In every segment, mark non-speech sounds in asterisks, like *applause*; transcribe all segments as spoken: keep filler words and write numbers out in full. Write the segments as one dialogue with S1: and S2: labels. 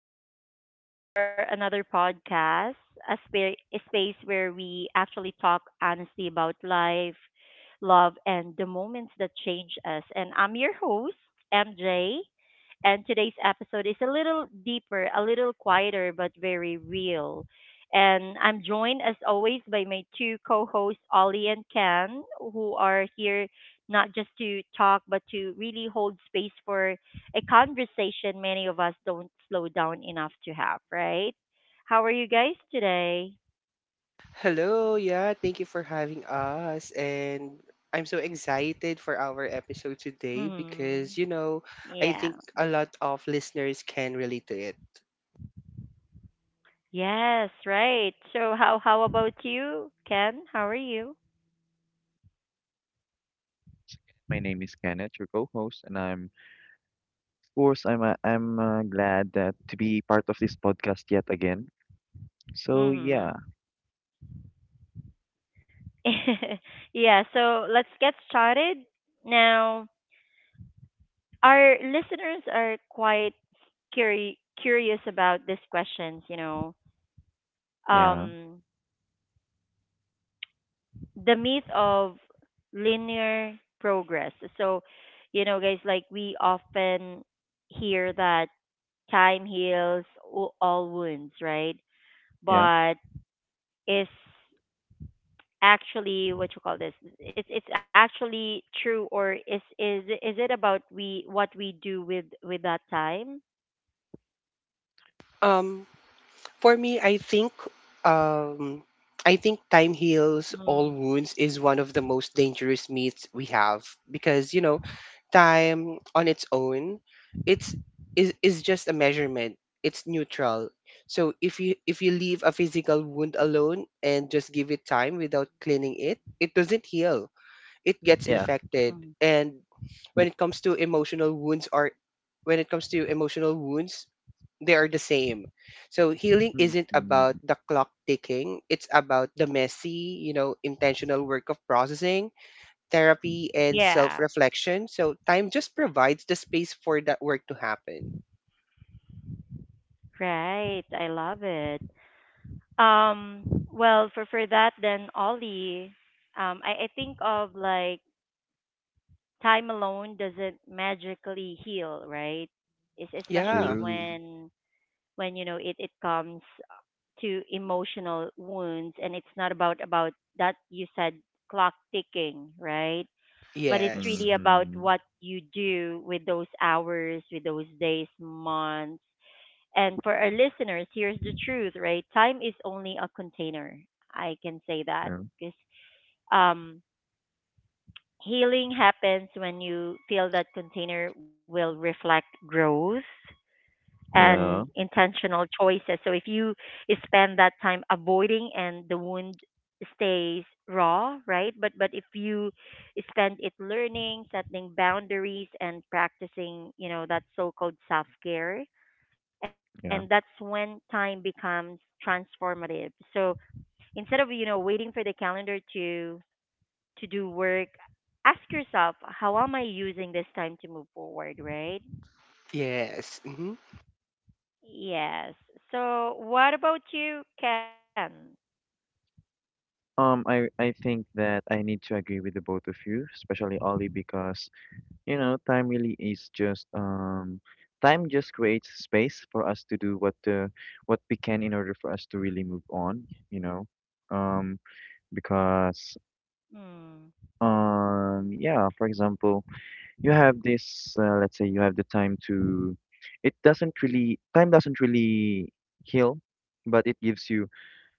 S1: Welcome back to our another podcast, a, spa- a space where we actually talk honestly about life, love, and the moments that change us. And I'm your host, MJ. And today's episode is a little deeper, a little quieter, but very real. And I'm joined, as always, by my two co hosts, Ollie and Ken, who are here not just to talk, but to really hold space for a conversation many of us don't slow down enough to have, right? How are you guys today?
S2: Hello, yeah, thank you for having us. And I'm so excited for our episode today
S1: Mm-hmm.
S2: because, you know,
S1: Yeah.
S2: I think a lot of listeners can relate to it.
S1: Yes, right. So how how about you, Ken? How are you?
S3: My name is Kenneth, your co-host, and I'm, of course, I'm uh, I'm uh, glad that to be part of this podcast yet again. So yeah,
S1: Mm-hmm. *laughs* Yeah, so let's get started. Now, our listeners are quite curi- curious about these questions, you know.
S3: yeah,
S1: Um, the myth of linear progress. So, you know, guys, like we often hear that time heals o- all wounds, right?
S3: yeah,
S1: But is actually what you call this? It's it's actually true, or is is is it about we what we do with with that time?
S2: Um, for me, I think um I think time heals all
S1: Mm,
S2: wounds is one of the most dangerous myths we have because, you know, time on its own it's is is just a measurement, it's neutral. So if you if you leave a physical wound alone and just give it time without cleaning it it doesn't heal, it gets
S3: yeah.
S2: infected.
S1: mm.
S2: And when it comes to emotional wounds or when it comes to emotional wounds, they are the same. So healing isn't about
S3: Mm-hmm.
S2: the clock ticking, it's about the messy, you know intentional work of processing, therapy, and self
S1: Yeah,
S2: reflection. So time just provides the space for that work to happen.
S1: right. I love it. Um, well, for for that then, Ollie, um, I I think of like time alone doesn't magically heal, right? It's especially
S2: Yeah.
S3: True.
S1: when when you know it it comes to emotional wounds and it's not about about that you said clock ticking, right? But it's
S2: Yes.
S1: really about
S3: Mm-hmm.
S1: what you do with those hours, with those days, months. And for our listeners, here's the truth, right? Time is only a container. I can say that
S3: True.
S1: because um healing happens when you feel that container will reflect growth and
S3: Yeah,
S1: intentional choices. So if you spend that time avoiding and the wound stays raw, right? But but if you spend it learning, setting boundaries and practicing, you know, that so-called self-care, and that's
S3: yeah.
S1: when time becomes transformative. So instead of, you know, waiting for the calendar to to do work, ask yourself, how am I using this time to move forward, right?
S2: Yes. Mm-hmm.
S1: Yes. So, what about you, Ken?
S3: Um, I I think that I need to agree with the both of you, especially Ollie, because you know time really is just um. Time just creates space for us to do what uh, what we can in order for us to really move on, you know. Um, because
S1: Mm,
S3: Um, yeah, for example, you have this, uh, Let's say you have the time to, it doesn't really, time doesn't really heal, but it gives you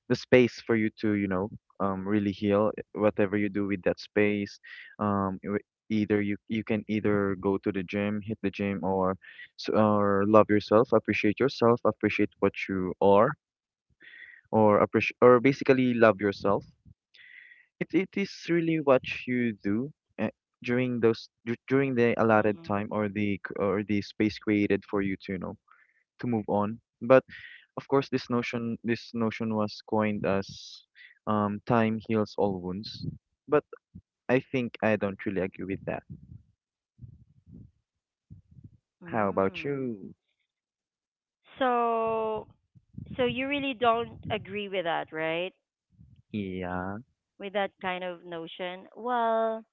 S3: the space for you to, you know, um, really heal uh, whatever you do with that space. Um, e- Either you you can either go to the gym, hit the gym, or s- or love yourself, appreciate yourself, appreciate what you are, or appreciate, or basically love yourself. It it is really what you do uh, during those dur- during the
S1: mm,
S3: allotted time or the c- or the space created for you to, you know, to move on. But of course, this notion this notion was coined as um, time heals all wounds. But I think I don't really agree with that. How about
S1: mm.
S3: you?
S1: So, so you really don't agree with that, right?
S3: Yeah,
S1: With that kind of notion? Well,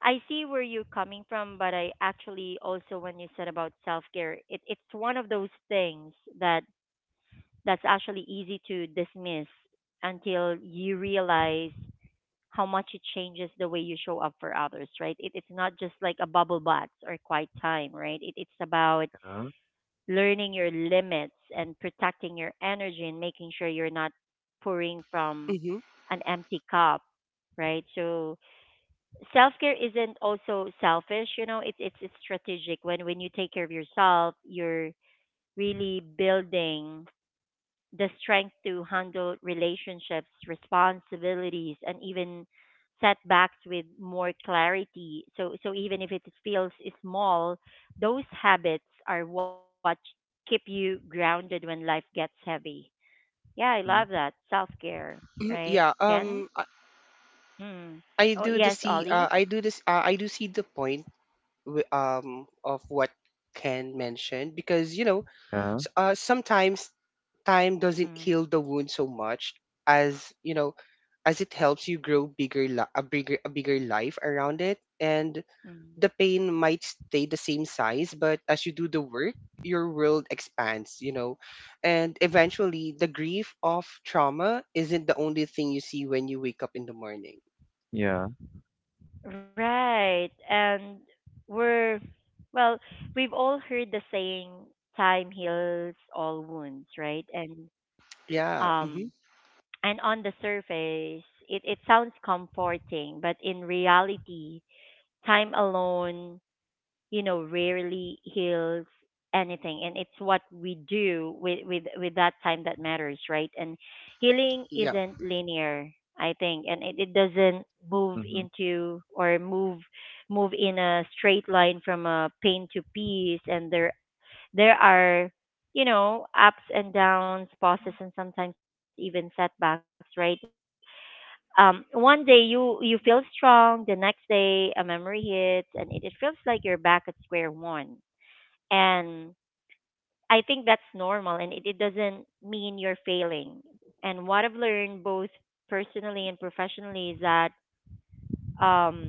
S1: I see where you're coming from, but I actually also when you said about self care, it, it's one of those things that that's actually easy to dismiss until you realize how much it changes the way you show up for others, right? It, it's not just like a bubble bath or quiet time, right? It, it's about
S3: yeah,
S1: learning your limits and protecting your energy and making sure you're not pouring from
S2: Mm-hmm.
S1: an empty cup, right? So self care isn't also selfish, you know. It's it's it's strategic. When when you take care of yourself, you're really building the strength to handle relationships, responsibilities, and even setbacks with more clarity. So, so even if it feels small, those habits are what keep you grounded when life gets heavy. Yeah, I love
S3: mm,
S1: that self care,
S2: Hmm.
S1: right?
S2: Yeah.
S1: Ken?
S2: Um, I,
S1: Mm.
S2: I
S1: Oh
S2: do the
S1: yes,
S2: see. Uh,
S1: Ollie.
S2: I do this. Uh, I do see the point wi- Um, of what Ken mentioned because you know,
S3: yeah,
S2: s- uh, sometimes time doesn't
S1: Mm.
S2: heal the wound so much as you know, as it helps you grow bigger, li- a bigger, a bigger life around it. And the
S1: Mm.
S2: pain might stay the same size, but as you do the work, your world expands, you know. And eventually, the grief of trauma isn't the only thing you see when you wake up in the morning.
S3: yeah,
S1: Right. And we're, well, we've all heard the saying, time heals all wounds, right? And
S2: Yeah. Mm-hmm.
S1: um and on the surface, it, it sounds comforting, but in reality, time alone you know rarely heals anything and it's what we do with with with that time that matters, right? And healing
S2: Yeah.
S1: isn't linear, I think, and it, it doesn't move
S3: mm-hmm,
S1: into or move move in a straight line from a pain to peace, and there there are, you know, ups and downs, pauses and sometimes even setbacks, right? Um one day you you feel strong, the next day a memory hits and it, it feels like you're back at square one. And I think that's normal and it, it doesn't mean you're failing. And what I've learned both personally and professionally is that um,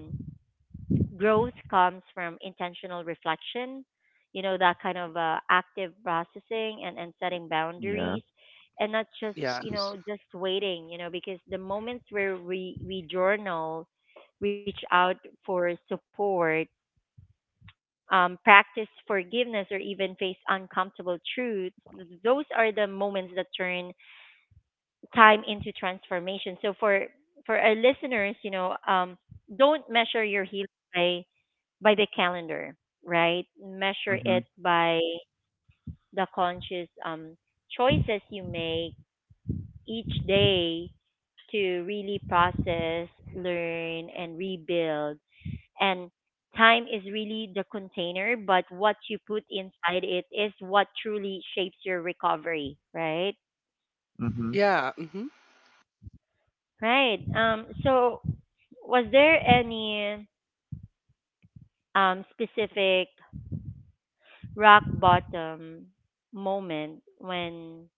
S1: growth comes from intentional reflection, you know, that kind of uh, active processing and, and setting
S3: yeah.
S1: boundaries and not just,
S2: Yeah.
S1: you
S3: Excuse.
S1: know, just waiting, you know, because the moments where we, we journal, reach out for support, um, practice forgiveness, or even face uncomfortable truths, those are the moments that turn time into transformation. So for for our listeners, you know, um, don't measure your healing by by the calendar, right? Measure
S3: Mm-hmm,
S1: it by the conscious um, choices you make each day to really process, learn, and rebuild, and time is really the container, but what you put inside it is what truly shapes your recovery, right?
S3: mm-hmm.
S2: Yeah. Mm-hmm.
S1: Right. Um, so, was there any um, specific rock bottom moment when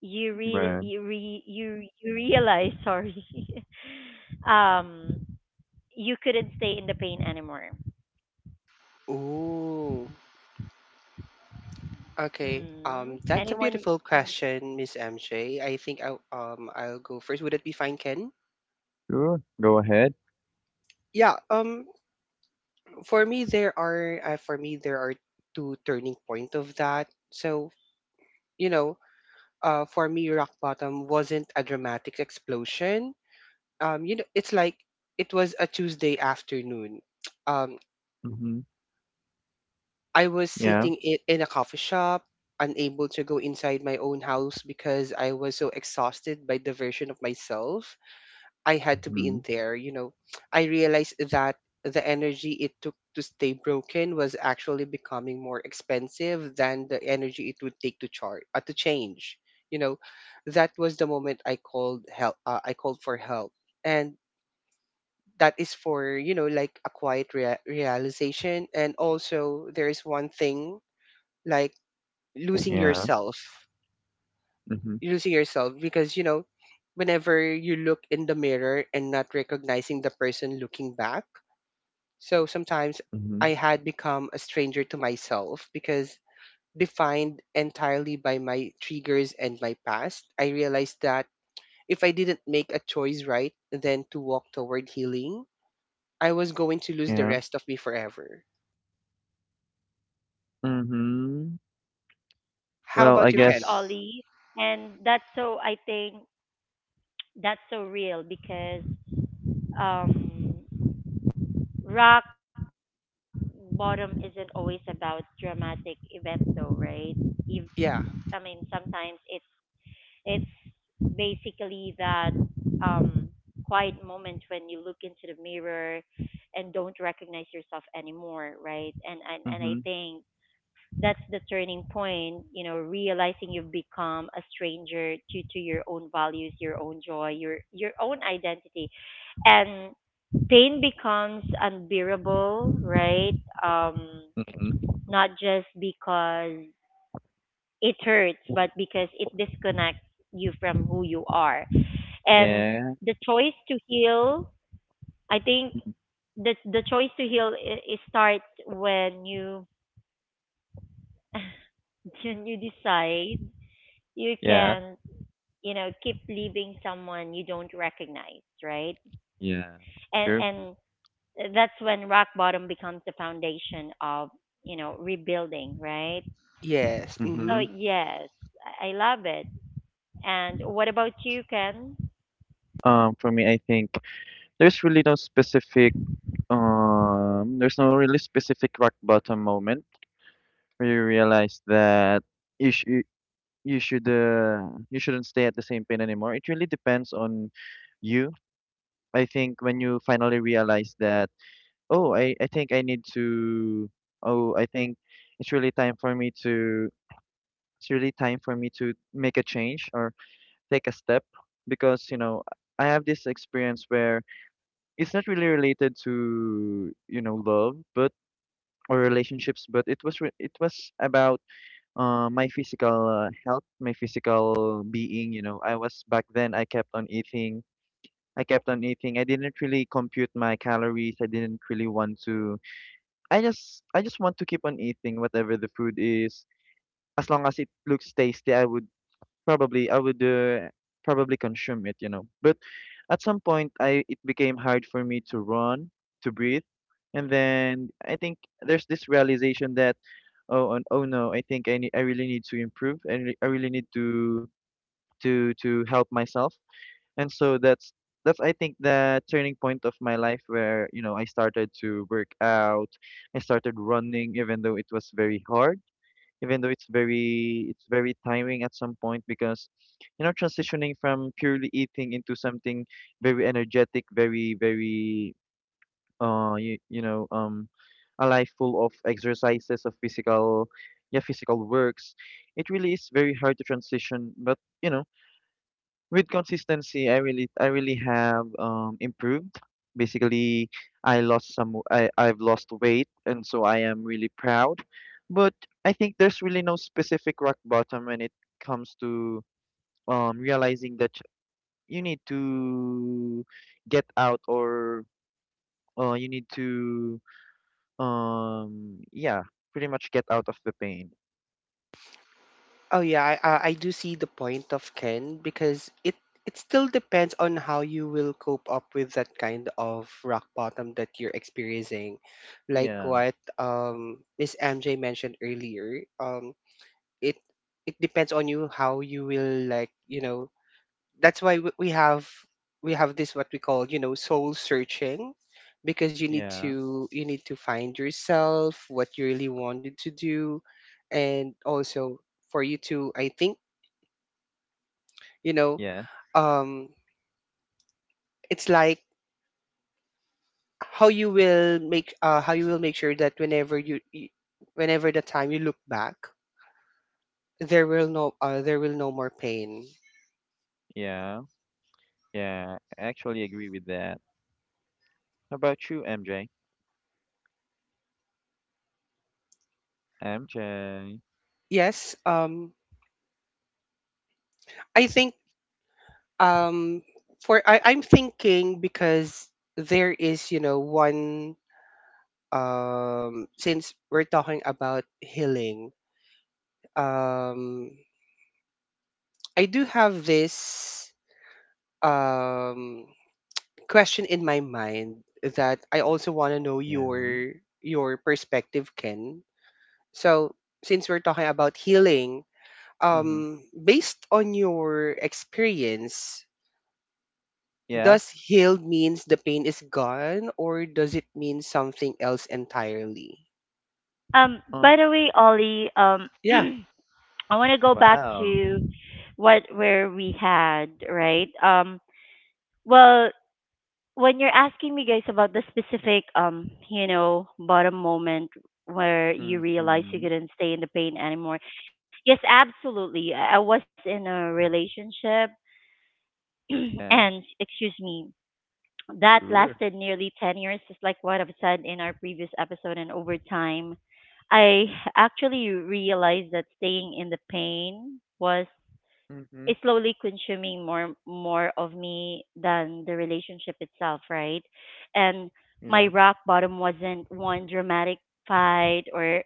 S1: you real
S3: Right.
S1: you re- you you realize *laughs* sorry *laughs* um you couldn't stay in the pain anymore.
S2: Ooh. Okay. Um, that's a
S1: Mm.
S2: beautiful
S1: Anyone?
S2: question,
S1: Mhm.
S2: Miss M J. I think I um I'll go first. Would it be fine, Ken?
S3: Sure. Go ahead.
S2: Yeah. Um, for me there are uh, for me there are two turning point of that. So you know, uh, for me, rock bottom wasn't a dramatic explosion. Um, you know, it's like it was a Tuesday afternoon. Um,
S3: Mm-hmm.
S2: I was
S3: Yeah.
S2: sitting in, in a coffee shop, unable to go inside my own house because I was so exhausted by the version of myself I had to be
S3: Mm-hmm.
S2: in there, you know, I realized that the energy it took to stay broken was actually becoming more expensive than the energy it would take to charge uh, to change. You know, that was the moment I called help. Uh, I called for help, and that is for you know like a quiet rea- realization. And also, there is one thing like losing
S3: Yeah.
S2: yourself,
S3: Mm-hmm.
S2: losing yourself, because you know whenever you look in the mirror and not recognizing the person looking back. So sometimes
S3: Mhm.
S2: I had become a stranger to myself because defined entirely by my triggers and my past, I realized that if I didn't make a choice right then to walk toward healing, I was going to lose the
S3: Yeah.
S2: rest of me forever.
S3: Mhm.
S2: How
S3: Well, I
S2: about you,
S1: Yes,
S2: Ken?
S3: guess.
S1: Ollie. And that's so I think that's so real because um, rock bottom isn't always about dramatic events, though, right? If, I mean,
S2: Yeah.
S1: sometimes it's it's basically that um, quiet moment when you look into the mirror and don't recognize yourself anymore, right? And and and I
S3: Mhm.
S1: think that's the turning point, you know, realizing you've become a stranger to to your own values, your own joy, your your own identity. And pain becomes unbearable, right? um
S3: Mhm.
S1: not just because it hurts, but because it disconnects you from who you are. And
S3: Yeah.
S1: the choice to heal, I think, the the choice to heal, I it starts when you *laughs* when you decide you
S3: Yeah.
S1: can, you know, keep leaving someone you don't recognize, right?
S3: Yeah.
S1: and
S3: True.
S1: and that's when rock bottom becomes the foundation of, you know, rebuilding, right?
S2: Yes.
S1: So
S2: Mhm.
S3: Mhm.
S1: yes, i I love it. And what about you, Ken?
S3: Um, for me, I think there's really no specific. Um, there's no really specific rock bottom moment where you realize that you sh you you should uh, you shouldn't stay at the same pain anymore. It really depends on you. I think when you finally realize that. Oh, I, I think I need to. Oh, I think it's really time for me to. It's really time for me to make a change or take a step because, you know, I have this experience where it's not really related to, you know, love, but or relationships, but it was re it was about uh, my physical uh, health, my physical being, you know. I was back then, I kept on eating. I kept on eating. I didn't really compute my calories. I didn't really want to. I just I just want to keep on eating whatever the food is. As long as it looks tasty, I would probably I would uh, probably consume it, you know. But at some point, I it became hard for me to run, to breathe, and then I think there's this realization that oh and- oh no, I think I need, I really need to improve. I, re- I really need to to to help myself, and so that's that's I think the turning point of my life, where you know I started to work out, I started running even though it was very hard, even though it's very it's very tiring at some point, because you know transitioning from purely eating into something very energetic, very very uh you, you know, um a life full of exercises, of physical, yeah, physical works, it really is very hard to transition, but you know with consistency, I really I really have um improved. Basically, I lost some w- I I've lost weight, and so I am really proud. But I think there's really no specific rock bottom when it comes to um realizing that you need to get out, or uh you need to, um yeah, pretty much get out of the pain.
S2: Oh yeah, I, I I do see the point of Ken because it it still depends on how you will cope up with that kind of rock bottom that you're experiencing. Like
S3: Yeah.
S2: what um Miss M J mentioned earlier, um it it depends on you how you will, like, you know, that's why w- we have we have this what we call, you know, soul searching, because you need
S3: Yeah.
S2: to you need to find yourself, what you really wanted to do. And also, for you to, I think, you know
S3: Yeah.
S2: um it's like how you will make uh how you will make sure that whenever you, you whenever the time you look back there will no uh, there will no more pain.
S3: Yeah. Yeah. I actually agree with that. How about you, M J? M J.
S2: Yes. um i think um for I, I'm thinking because there is, you know one. Um since we're talking about healing, um I do have this, um question in my mind that I also want to know
S3: Yeah.
S2: your your perspective, Ken. So since we're talking about healing,
S3: Mm-hmm.
S2: um, based on your experience,
S3: Yeah.
S2: does healed means the pain is gone, or does it mean something else entirely?
S1: Um, by
S3: Um.
S1: the way, Ollie, um,
S2: Yeah,
S1: *clears throat* I want to go back
S3: Wow.
S1: to what where we had right. Um, well, when you're asking me guys about the specific um you know bottom moment where you realize you
S3: Mm-hmm.
S1: couldn't stay in the pain anymore, yes, absolutely. i I was in a relationship *clears throat*
S3: Yeah.
S1: and excuse me that
S3: Sure.
S1: lasted nearly ten years, just like what I've said in our previous episode, and over time I actually realized that staying in the pain was
S3: Mm-hmm.
S1: is slowly consuming more more of me than the relationship itself, right? And my
S3: Yeah.
S1: rock bottom wasn't one dramatic fight or,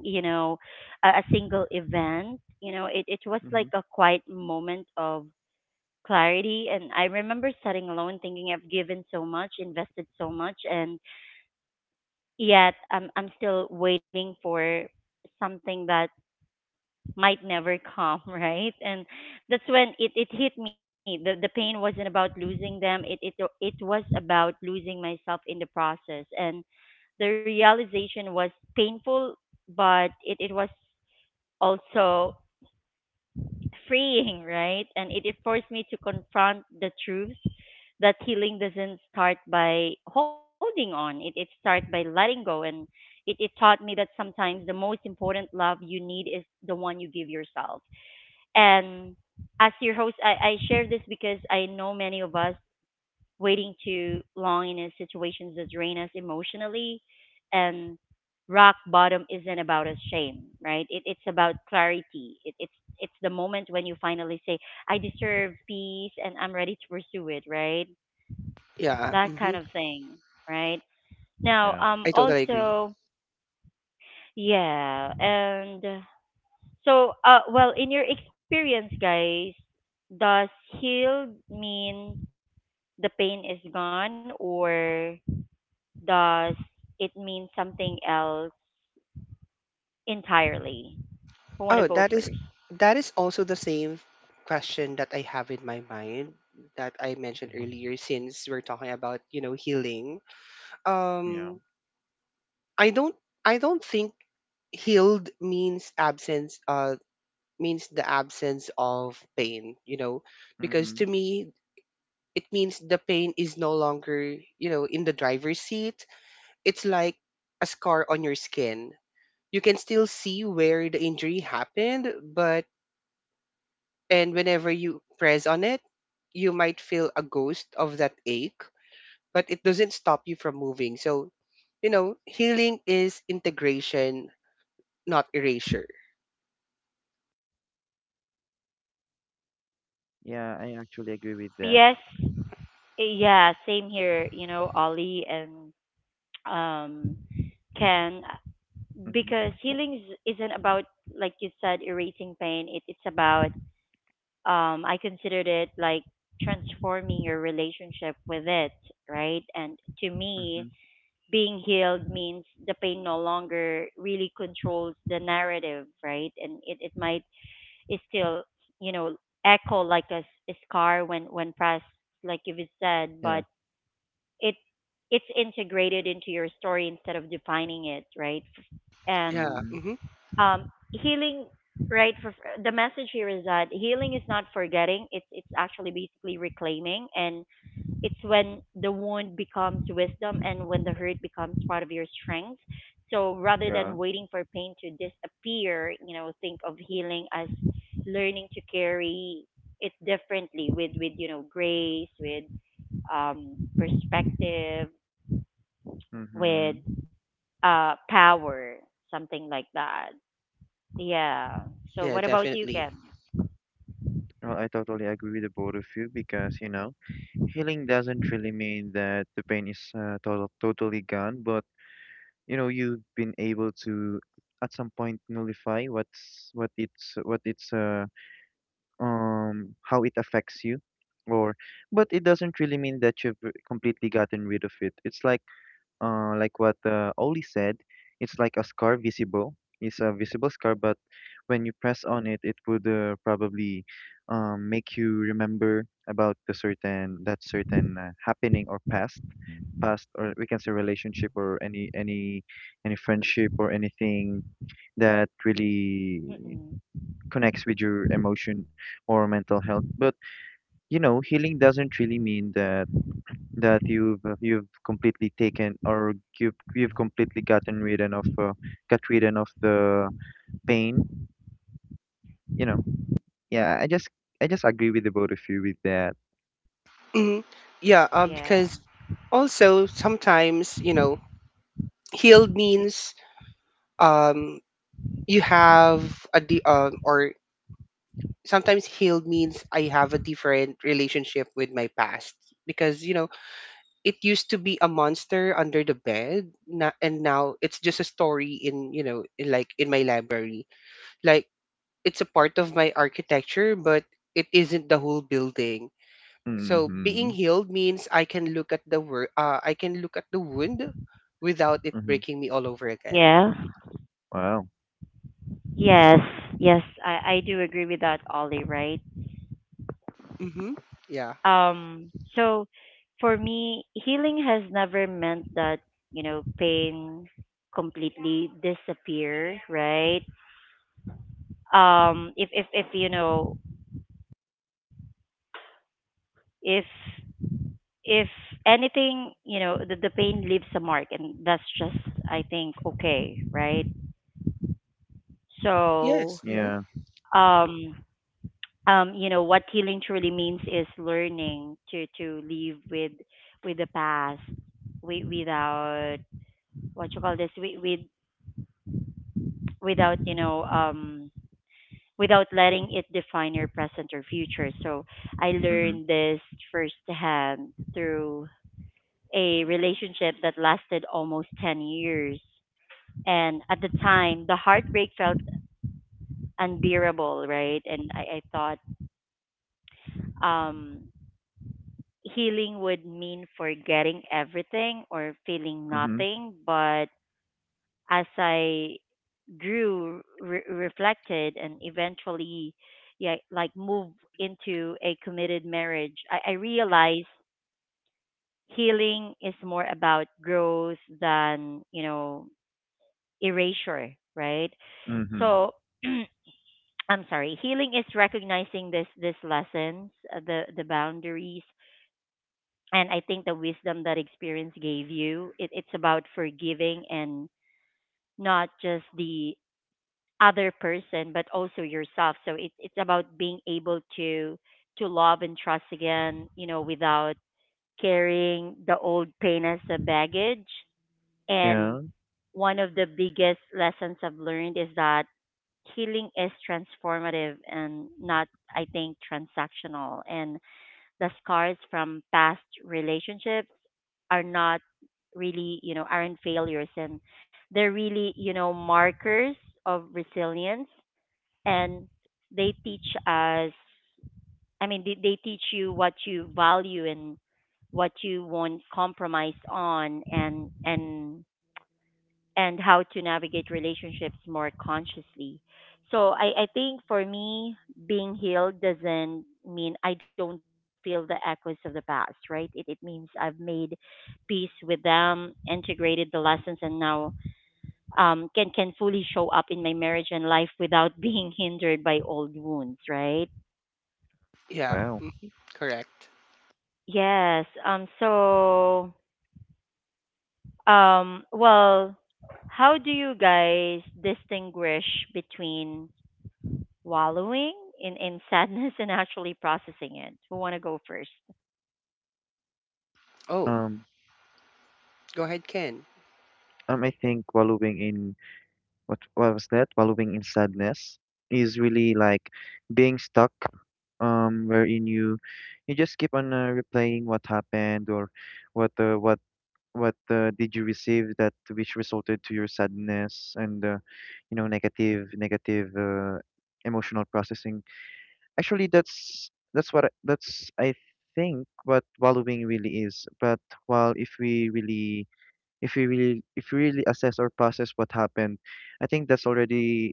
S1: you know, a, a single event. You know, it it was
S3: Mm-hmm.
S1: like a quiet moment of clarity, and I remember sitting alone thinking I've given so much, invested so much, and yet I'm I'm still waiting for something that might never come, *laughs* right? And that's when it, it hit me. The the pain wasn't about losing them. It it it was about losing myself in the process. And the realization was painful, but it, it was also freeing, *laughs* right? And it, it forced me to confront the truth that healing doesn't start by holding on. It it starts by letting go, and it, it taught me that sometimes the most important love you need is the one you give yourself. And as your host, I, I share this because I know many of us waiting too long in a situations that drain us emotionally. And rock bottom isn't about a shame, right? It, it's about clarity. It, it's it's the moment when you finally say, "I deserve peace, and I'm ready to pursue it," right?
S2: yeah.
S1: That kind
S2: Hmm.
S1: of thing, right? Now,
S3: Yeah.
S1: um,
S2: I totally agree.
S1: also, yeah, and so, uh, well, in your experience, guys, does healed mean the pain is gone, or does it mean something else entirely? Who want to go
S2: Oh,
S1: first?
S2: that is that is also the same question that I have in my mind that I mentioned
S3: Mm-hmm.
S2: earlier. Since we're talking about, you know healing,
S3: Yeah.
S2: um i don't I don't think healed means absence uh means the absence of pain, you know because
S3: Mm-hmm.
S2: to me it means the pain is no longer, you know in the driver's seat. It's like a scar on your skin, you can still see where the injury happened, but and whenever you press on it you might feel a ghost of that ache, but it doesn't stop you from moving. So you know healing is integration, not erasure.
S3: Yeah. I actually agree with
S1: Um,
S3: that.
S1: yes, yeah, same here. You know, Ollie and um, Ken, because
S3: Mm-hmm.
S1: healing is- isn't about, like you said, erasing pain. It it's about um, I considered it like transforming your relationship with it, right? And to me,
S3: Mm-hmm.
S1: being healed means the pain no longer really controls the narrative, right? And it, it might it still, you know, echo like a, s- a scar when when pressed, like you've said,
S3: Yeah.
S1: but it it's integrated into your story instead of defining it, right? And
S2: Yeah.
S3: Mm-hmm.
S2: Hmm.
S1: um healing, right, for for- the message here is that healing is not forgetting, it's it's actually basically reclaiming, and it's when the wound becomes wisdom and when the hurt becomes part of your strength. So rather
S3: Yeah.
S1: than waiting for pain to disappear, you know, think of healing as learning to carry it differently with with you know, grace, with um perspective,
S3: Mm-hmm.
S1: with uh power, something like that, yeah. So
S2: Yeah,
S1: what about you,
S2: definitely.
S1: Ken?
S3: Well, I totally agree with the both of you because, you know, healing doesn't really mean that the pain is uh, total, totally gone, but, you know, you've been able to at some point nullify what's what it's what it's uh um how it affects you, or but it doesn't really mean that you've r- completely gotten rid of it. It's like uh like what uh, Oli said. It's like a scar visible it's a visible scar, but when you press on it, it would uh, probably um make you remember about the certain that certain uh, happening or past past or we can say relationship, or any any any friendship or anything that really
S1: Mm-mm.
S3: connects with your emotion or mental health. But you know, healing doesn't really mean that that you've uh, you've completely taken, or you've you've completely gotten rid of, uh, got rid of the pain. You know, yeah, I just I just agree with the both of you with that.
S2: Hmm.
S1: Yeah.
S2: Yeah. Uh. Because also sometimes, you know, healed means, um, you have a di- um, or sometimes healed means I have a different relationship with my past because, you know, it used to be a monster under the bed, na- and now it's just a story in, you know, in, like in my library. Like it's a part of my architecture, but it isn't the whole building. So being
S3: Mm-hmm.
S2: healed means I can look at the wor- uh, I can look at the wound without it
S3: Mm-hmm.
S2: breaking me all over again.
S1: Yeah.
S3: Wow.
S1: Yes. Yes. I I do agree with that, Ollie. Right.
S2: Mm-hmm. Yeah.
S1: Um. So, for me, healing has never meant that you know pain completely disappear. Right. Um. If if if you know if if anything, you know, the the pain leaves a mark, and that's just I think okay. Right. So.
S2: Yes. Mm-hmm.
S3: Yeah.
S1: Um. Um, you know, what healing truly means is learning to to live with with the past, wi- without what you call this, with, with without, you know, um, without letting it define your present or future. So I
S3: Mm-hmm.
S1: learned this firsthand through a relationship that lasted almost ten years, and at the time, the heartbreak felt unbearable, right? And I, I thought. Um, Healing would mean forgetting everything or feeling
S3: Mm-hmm.
S1: nothing. But as I grew, re- reflected, and eventually, yeah, like move into a committed marriage, I, I realized healing is more about growth than you know erasure, right?
S3: Mm-hmm.
S1: So. *clears throat* I'm sorry. Healing is recognizing this this lessons, uh, the the boundaries, and I think the wisdom that experience gave you. It, it's about forgiving, and not just the other person, but also yourself. So it, it's about being able to to love and trust again, you know, without carrying the old pain as a baggage. And
S3: Yeah.
S1: one of the biggest lessons I've learned is that healing is transformative and not, I think, transactional. And the scars from past relationships are not really, you know, aren't failures, and they're really, you know, markers of resilience, and they teach us, I mean they, they teach you what you value and what you won't compromise on, and and and how to navigate relationships more consciously. So I, I think for me, being healed doesn't mean I don't feel the echoes of the past, right? It, it means I've made peace with them, integrated the lessons, and now um, can can fully show up in my marriage and life without being *laughs* hindered by old wounds, right?
S2: Yeah.
S3: Wow.
S2: Mm-hmm. Correct.
S1: Yes. Um. So, um. Well, how do you guys distinguish between wallowing in, in *laughs* sadness and actually processing it? Who want to go first?
S2: Oh,
S3: Um.
S2: go ahead, Ken.
S3: Um. I think wallowing in, what what was that? Wallowing in sadness is really like being stuck, um, wherein you you just keep on uh, replaying what happened, or what uh, what what uh, did you receive that which resulted to your sadness and uh, you know, negative negative uh, emotional processing. Actually, that's that's what I, that's I think what wallowing really is. But while if we really, if you really if you really assess or process what happened, I think that's already,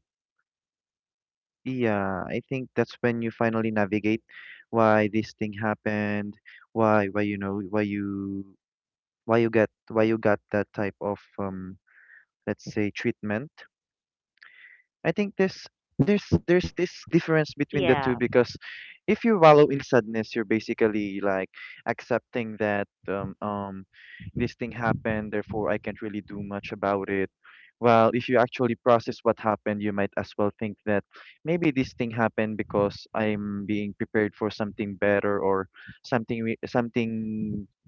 S3: yeah, I think that's when you finally navigate why this thing happened, why why you know why you why you get why you got that type of um let's say treatment. I think there's there's
S1: Yeah.
S3: there's this difference between the two, because if you wallow in sadness, you're basically like accepting that, um, um this thing happened, therefore I can't really do much about it. Well, if you actually process what happened, you might as well think that maybe this thing happened because I'm being prepared for something better, or something we- something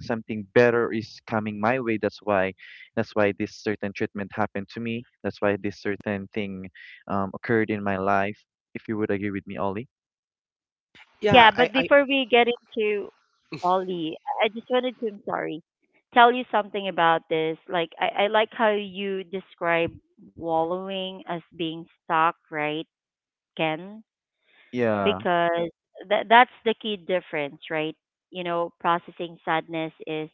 S3: something better is coming my way. That's why that's why this certain treatment happened to me. That's why this certain thing um, occurred in my life, if you would agree with me, Ollie.
S2: Yeah,
S1: Yeah,
S2: I,
S1: but
S2: I
S1: before we get into Ollie, I I just wanted to, I'm sorry, tell you something about this. Like, I, I like how you describe wallowing as being stuck, right, Ken?
S3: Yeah.
S1: Because that that's the key difference, right? You know, processing sadness is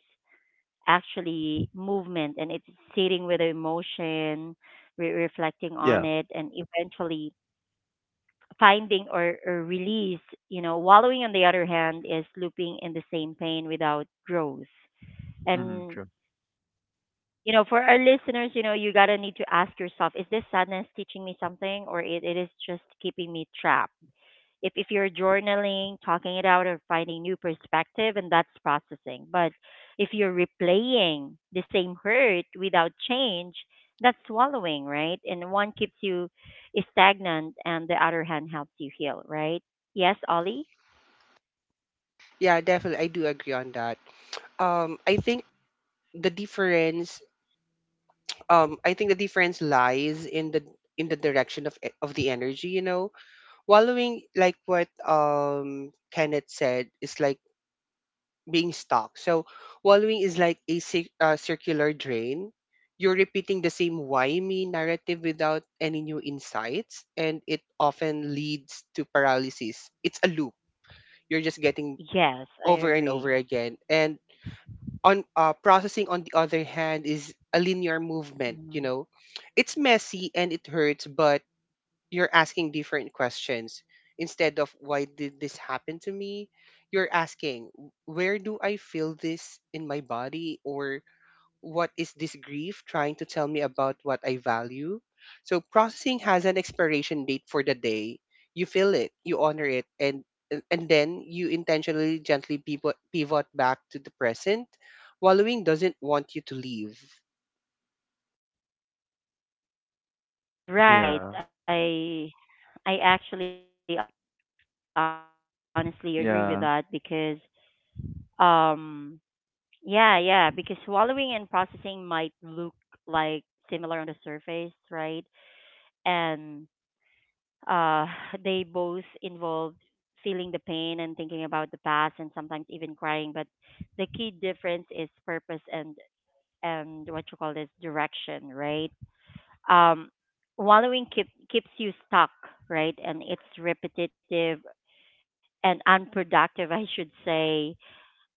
S1: actually movement, and it's sitting with the emotion, re- reflecting on
S3: Yeah.
S1: it, and eventually finding, or, or release. You know, wallowing, on the other hand, is looping in the same pain without growth.
S3: Mm-hmm,
S1: And
S3: true.
S1: you know, for our listeners, you know, you gotta need to ask yourself: is this sadness teaching me something, or it, it is just keeping me trapped? if if you're journaling, talking it out, or finding new perspective, and that's processing. But if you're replaying the same hurt without change, that's swallowing, right? And one keeps you stagnant, and the other hand helps you heal, right? Yes, Ollie.
S2: yeah, definitely I do agree on that. Um I think the difference um I think the difference lies in the in the direction of e- of the energy, you know. Wallowing, like what um Kenneth said, is like being stuck. So wallowing is like a cir- uh, circular drain. You're repeating the same why me narrative without any new insights, and it often leads to paralysis. It's a loop. You're just getting
S1: Yes, I
S2: over and over
S1: agree.
S2: again. And on uh, processing, on the other hand, is a linear movement. You
S1: Mm.
S2: know, it's messy and it hurts, but you're asking different questions instead of why did this happen to me. You're asking where do I feel this in my body or what is this grief trying to tell me about what I value. So processing has an expiration date. For the day you feel it, you honor it, and and and then you intentionally, gently pivot, pivot back to the present. Wallowing doesn't want you to leave.
S1: Right.
S3: Yeah.
S1: I I actually honestly agree with that because
S3: Yeah.
S1: um yeah, yeah, because swallowing and processing might look like similar on the surface, right? And uh, *laughs* *sighs* they both involve feeling the pain and thinking about the past and sometimes even crying. But the key difference is purpose and and what you call this direction, right? Um, wallowing keep, keeps you stuck, right? And it's repetitive and unproductive, I should say,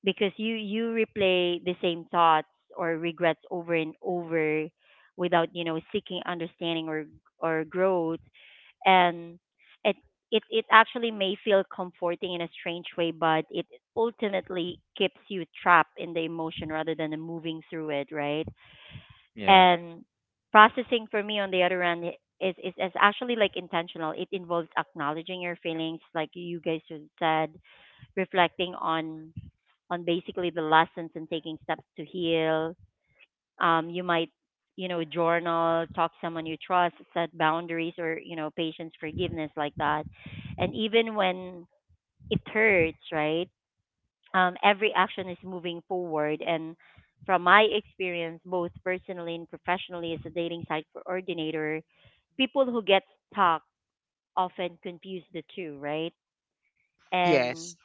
S1: because you you replay the same thoughts or regrets over and over without you know seeking understanding or or growth. And it it it actually may feel comforting in a strange way, but it ultimately keeps you trapped in the emotion rather than the moving through it, right?
S3: Yeah.
S1: And processing, for me, on the other end, i- is is, is actually like intentional. It involves acknowledging your feelings, like you guys have said, reflecting on on basically the lessons, and taking steps to heal. Um, you might, you know, journal, talk to someone you trust, set boundaries, or, you know, patience, forgiveness, like that. And even when it hurts, right? Um, every action is moving forward. And from my experience, both personally and professionally as a dating site coordinator, people who get stuck often confuse the two, right?
S2: Yes.
S1: And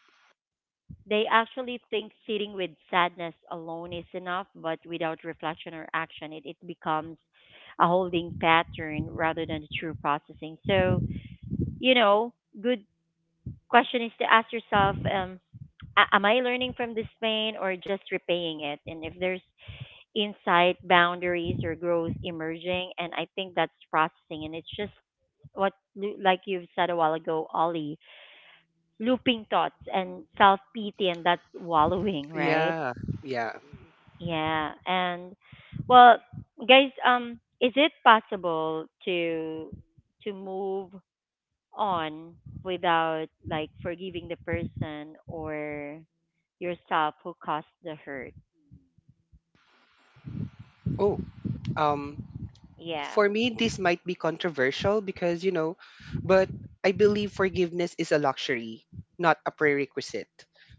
S1: they actually think sitting with sadness alone is enough, but without reflection or action, it, it becomes a holding pattern rather than true processing. So, you know, good question is to ask yourself, um, a- am I learning from this pain or just repaying it? And if there's insight, boundaries, or growth emerging, and I think that's processing. And it's just what Lu- like you've said a while ago, Ollie, looping thoughts and self pity, and that's wallowing, *laughs* right?
S2: Yeah. Yeah.
S1: Yeah, and well, guys, um, is it possible to to move on without, like, forgiving the person or yourself who caused the hurt?
S2: oh um
S1: Yeah.
S2: for me this might be controversial because you know but I believe forgiveness is a luxury not a prerequisite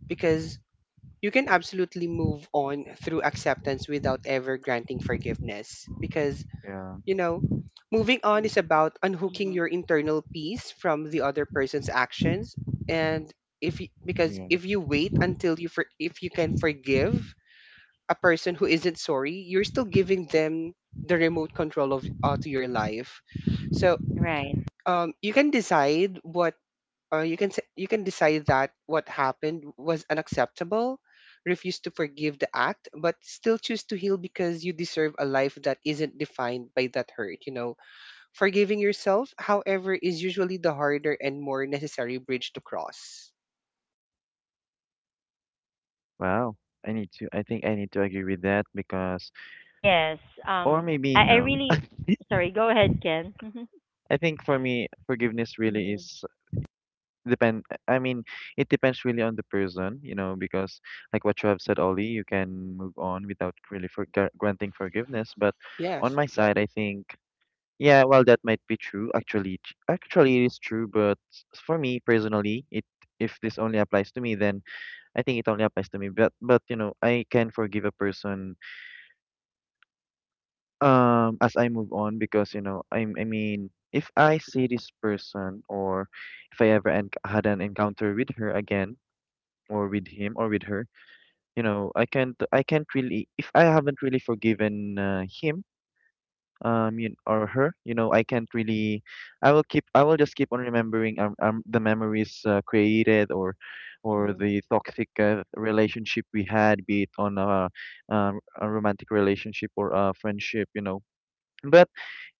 S2: because you can absolutely move on through acceptance without ever granting forgiveness because
S3: Yeah.
S2: you know moving on is about unhooking
S1: Mhm.
S2: your internal peace from the other person's actions and if you, because
S3: Yeah.
S2: if you wait until you for, if you can forgive a person who isn't sorry, you're still giving them the remote control of uh, to your life. So
S1: Right.
S2: um, you can decide what uh, you can say, you can decide that what happened was unacceptable, refuse to forgive the act, but still choose to heal because you deserve a life that isn't defined by that hurt. You know, forgiving yourself, however, is usually the harder and more necessary bridge to cross.
S3: Wow. I need to, I think I need to agree with that, because,
S1: Yes.
S3: or
S1: Um,
S3: maybe
S1: I, I
S3: no.
S1: really sorry. Go ahead, Ken. *laughs*
S3: I think for me, forgiveness really
S1: Mhm,
S3: is depend. I mean, it depends really on the person, you know, because like what you have said, Ollie, you can move on without really for granting forgiveness. But on
S2: Yes.
S3: my side, I think. Yeah, well, that might be true. Actually, t- actually, it is true. But s- for me personally, it, if this only applies to me, then I think it only applies to me. But but you know, I can forgive a person um as I move on, because you know, I I mean, if I see this person, or if I ever enc had an encounter with her again, or with him or with her, you know, I can't I can't really, if I haven't really forgiven uh, him, um you, or her, you know, I can't really, i will keep I will just keep on remembering, um, um the memories uh, created, or or
S1: mhm.
S3: the toxic uh, relationship we had, be it on a, um, a romantic relationship or a friendship, you know. But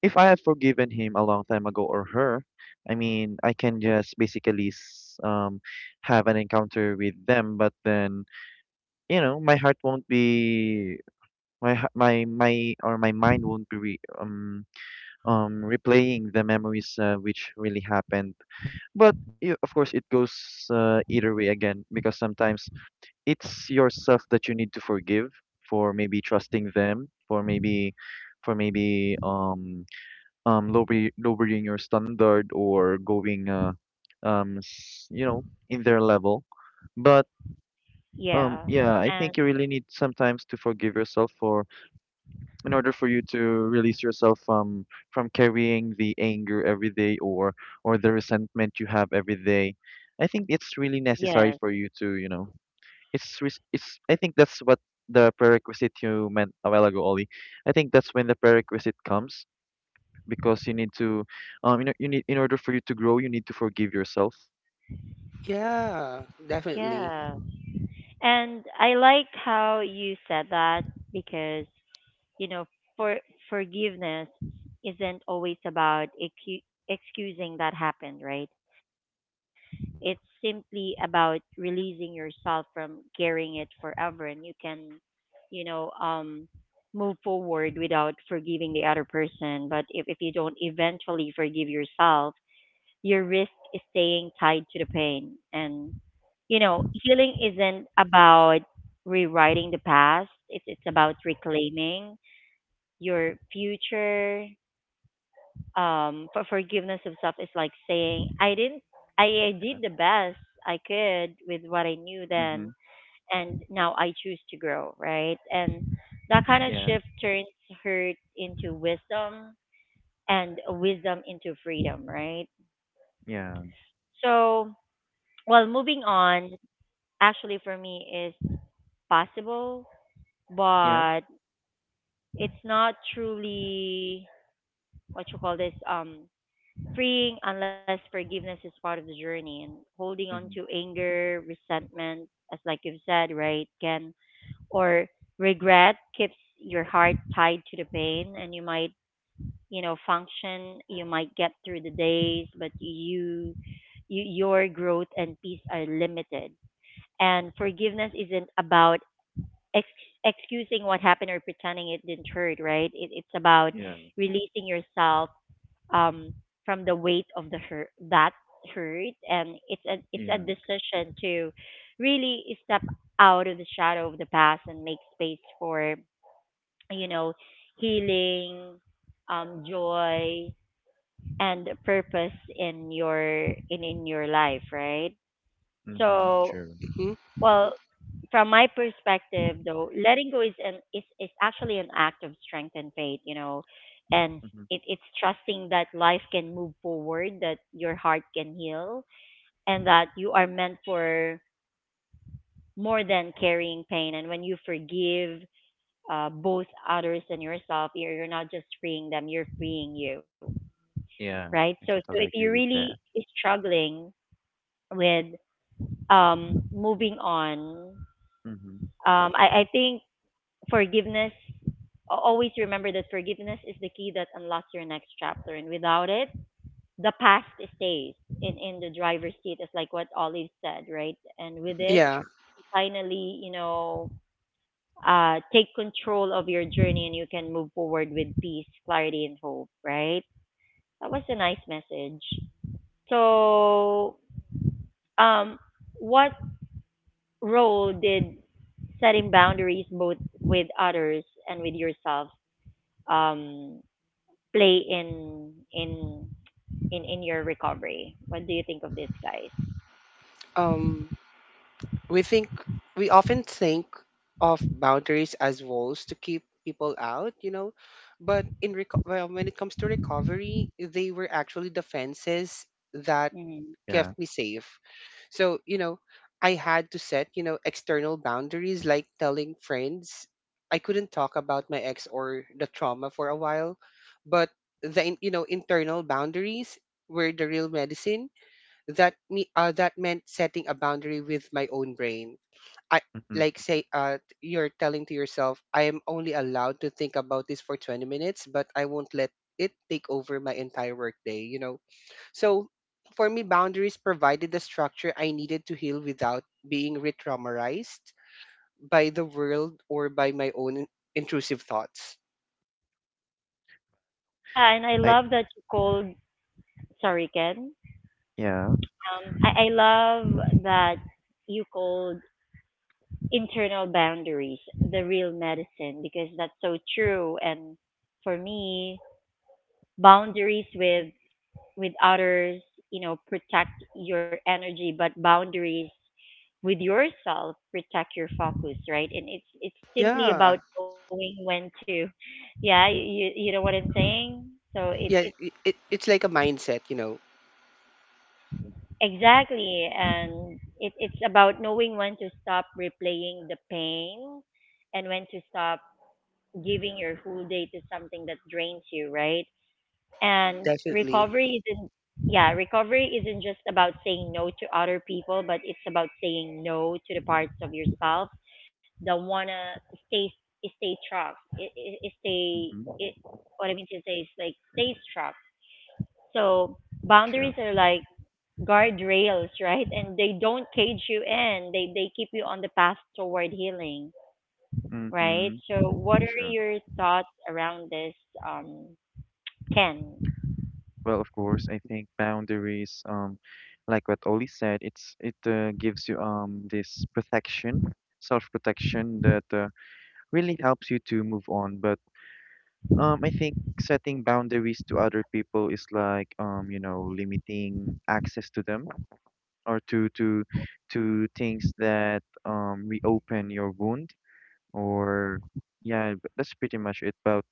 S3: if I have forgiven him a long time ago, or her, I mean I can just basically s- um have an encounter with them, but then you know my heart won't be, my h- my my or my mind won't be re, um um, replaying the memories uh, which really happened. But yeah, of course, it goes uh, either way again, because sometimes it's yourself that you need to forgive for maybe trusting them, for maybe, for maybe um um lower, lowering your standard, or going uh, um s- you know, in their level. But
S1: Yeah.
S3: um yeah, I
S1: And
S3: think you really need sometimes to forgive yourself for, in order for you to release yourself from from carrying the anger every day, or or the resentment you have every day. I think it's really necessary
S1: yes.
S3: for you to, you know, it's res- it's I think that's what the prerequisite you meant a while ago, Ollie. I think that's when the prerequisite comes, because you need to, um you know, you need, in order for you to grow, you need to forgive yourself.
S2: Yeah, definitely.
S1: Yeah. And I like how you said that, because you know, for forgiveness isn't always about excu- excusing that happened, right? It's simply about releasing yourself from carrying it forever. And you can, you know, um, move forward without forgiving the other person. But if if you don't eventually forgive yourself, your risk is staying tied to the pain. And you know, healing isn't about rewriting the past. It's it's about reclaiming your future. Um, for forgiveness of self is like saying I didn't, I, I did
S3: Yeah.
S1: the best I could with what I knew
S3: Mm-hmm.
S1: then, and now I choose to grow, right? And that kind of
S3: Yeah.
S1: shift turns hurt into wisdom, and wisdom into freedom, right?
S3: Yeah.
S1: So, well, moving on, actually, for me is possible,
S3: Yeah.
S1: but it's not truly what you call this um freeing, unless forgiveness is part of the journey. And holding on to
S3: Mm-hmm.
S1: anger, resentment, as like you've said, right, can, or regret, keeps your heart tied to the pain. And you might, you know, function, you might get through the days, but you, you your growth and peace are limited. And forgiveness isn't about ex- excusing what happened or pretending it didn't hurt, right? It, it's about
S3: Yeah.
S1: releasing yourself um from the weight of the hurt that hurt. And it's a it's a
S3: Yeah.
S1: decision to really step out of the shadow of the past and make space for you know healing, um joy, and purpose in your in in your life, right?
S3: Mm-hmm.
S1: So,
S3: True.
S2: Hmm
S1: well, from my perspective, though, letting go is an is, is actually an act of strength and faith, you know, and
S3: Mm-hmm.
S1: it, it's trusting that life can move forward, that your heart can heal, and that you are meant for more than carrying pain. And when you forgive uh, both others and yourself, you're, you're not just freeing them, you're freeing you,
S3: Yeah.
S1: right? So,
S3: I
S1: so if
S3: totally
S1: you're
S3: agree with
S1: really
S3: that.
S1: struggling with um, moving on,
S3: Mm-hmm.
S1: um, I, I think forgiveness Al- always remember that forgiveness is the key that unlocks your next chapter, and without it, the past stays in in the driver's seat. It's like what Olive said, right? And with
S3: Mhm.
S1: it,
S2: Yeah.
S3: True.
S1: finally, you know, uh, take control of your journey, and you can move forward with peace, clarity, and hope, right? That was a nice message. So, um, what role did setting boundaries, both with others and with yourself, um play in in in in your recovery? What do you think of this, guys?
S2: Um. We think we often think of boundaries as walls to keep people out, you know, but in reco- well, when it comes to recovery, they were actually defenses that
S1: Hmm.
S3: Yeah.
S2: kept me safe. So, you know, I had to set, you know, external boundaries like telling friends I couldn't talk about my ex or the trauma for a while, but the, in- you know, internal boundaries were the real medicine that me uh, that meant setting a boundary with my own brain I
S3: Mm-hmm.
S2: like say uh you're telling to yourself I am only allowed to think about this for twenty minutes but I won't let it take over my entire workday you know so for me boundaries provided the structure I needed to heal without being re-traumatized by the world or by my own intrusive thoughts
S1: Yeah, and I
S3: I
S1: love that you called. Sorry, Ken.
S3: yeah.
S1: Um, I, I love that you called internal boundaries the real medicine, because that's so true. And for me, boundaries with with others, you know, protect your energy, but boundaries with yourself protect your focus, right? And it's it's simply about
S2: yeah
S1: knowing when to, yeah, you you know what I'm saying. So it it's
S2: yeah it, it, it's like a mindset you know
S1: exactly, and it it's about knowing when to stop replaying the pain, and when to stop giving your whole day to something that drains you, right? And
S2: definitely
S1: recovery isn't, yeah, recovery isn't just about saying no to other people, but it's about saying no to the parts of yourself that wanna stay stay struck. It, it, it stay it,
S3: Mm-hmm.
S1: what I mean to say is, like, stay struck. So boundaries
S3: True.
S1: are like guardrails, *laughs* right? And they don't cage you in. They they keep you on the path toward healing, right?
S3: Mm-hmm.
S1: So what are
S3: True.
S1: your thoughts around this, um, Ken?
S3: Well, of course, I think boundaries, um, like what Oli said, it's it uh, gives you um this protection, self-protection that uh, really helps you to move on. But um, I think setting boundaries to other people is like, um, you know, limiting access to them, or to to to things that um reopen your wound, or yeah, b- that's pretty much it. But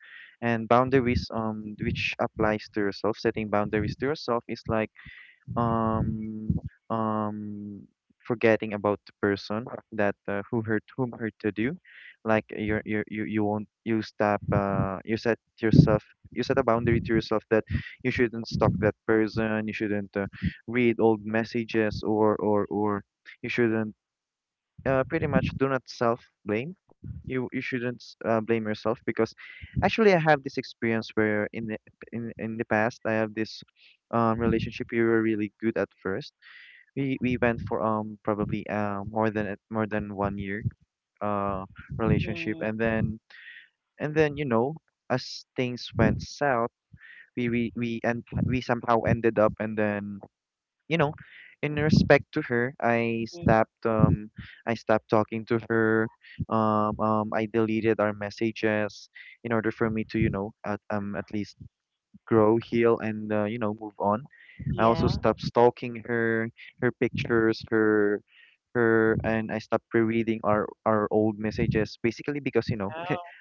S3: and boundaries, um, which applies to yourself. Setting boundaries to yourself is like um um forgetting about the person that uh, who hurt, whom hurt to do. Like, you're, you're you you won't you stop uh you set yourself. You set a boundary to yourself that you shouldn't stalk that person. You shouldn't, uh, read old messages, or or or you shouldn't, uh, pretty much do not self-blame. You you shouldn't, s- uh, blame yourself, because actually I have this experience where in the, in in the past. I have this um relationship. We were really good at first. We we went for um probably uh more than a- more than one year uh relationship, and then,
S1: Mm-hmm.
S3: and then, you know, as things went south, we we we and we somehow ended up. And then, you know, in respect to her, I stopped um I stopped talking to her. Um, um I deleted our messages in order for me to, you know, at, um at least grow, heal, and uh, you know, move on. I also stopped
S1: Yeah.
S3: stalking her, her pictures, her, her and I stopped rereading our our old messages, basically because, you know,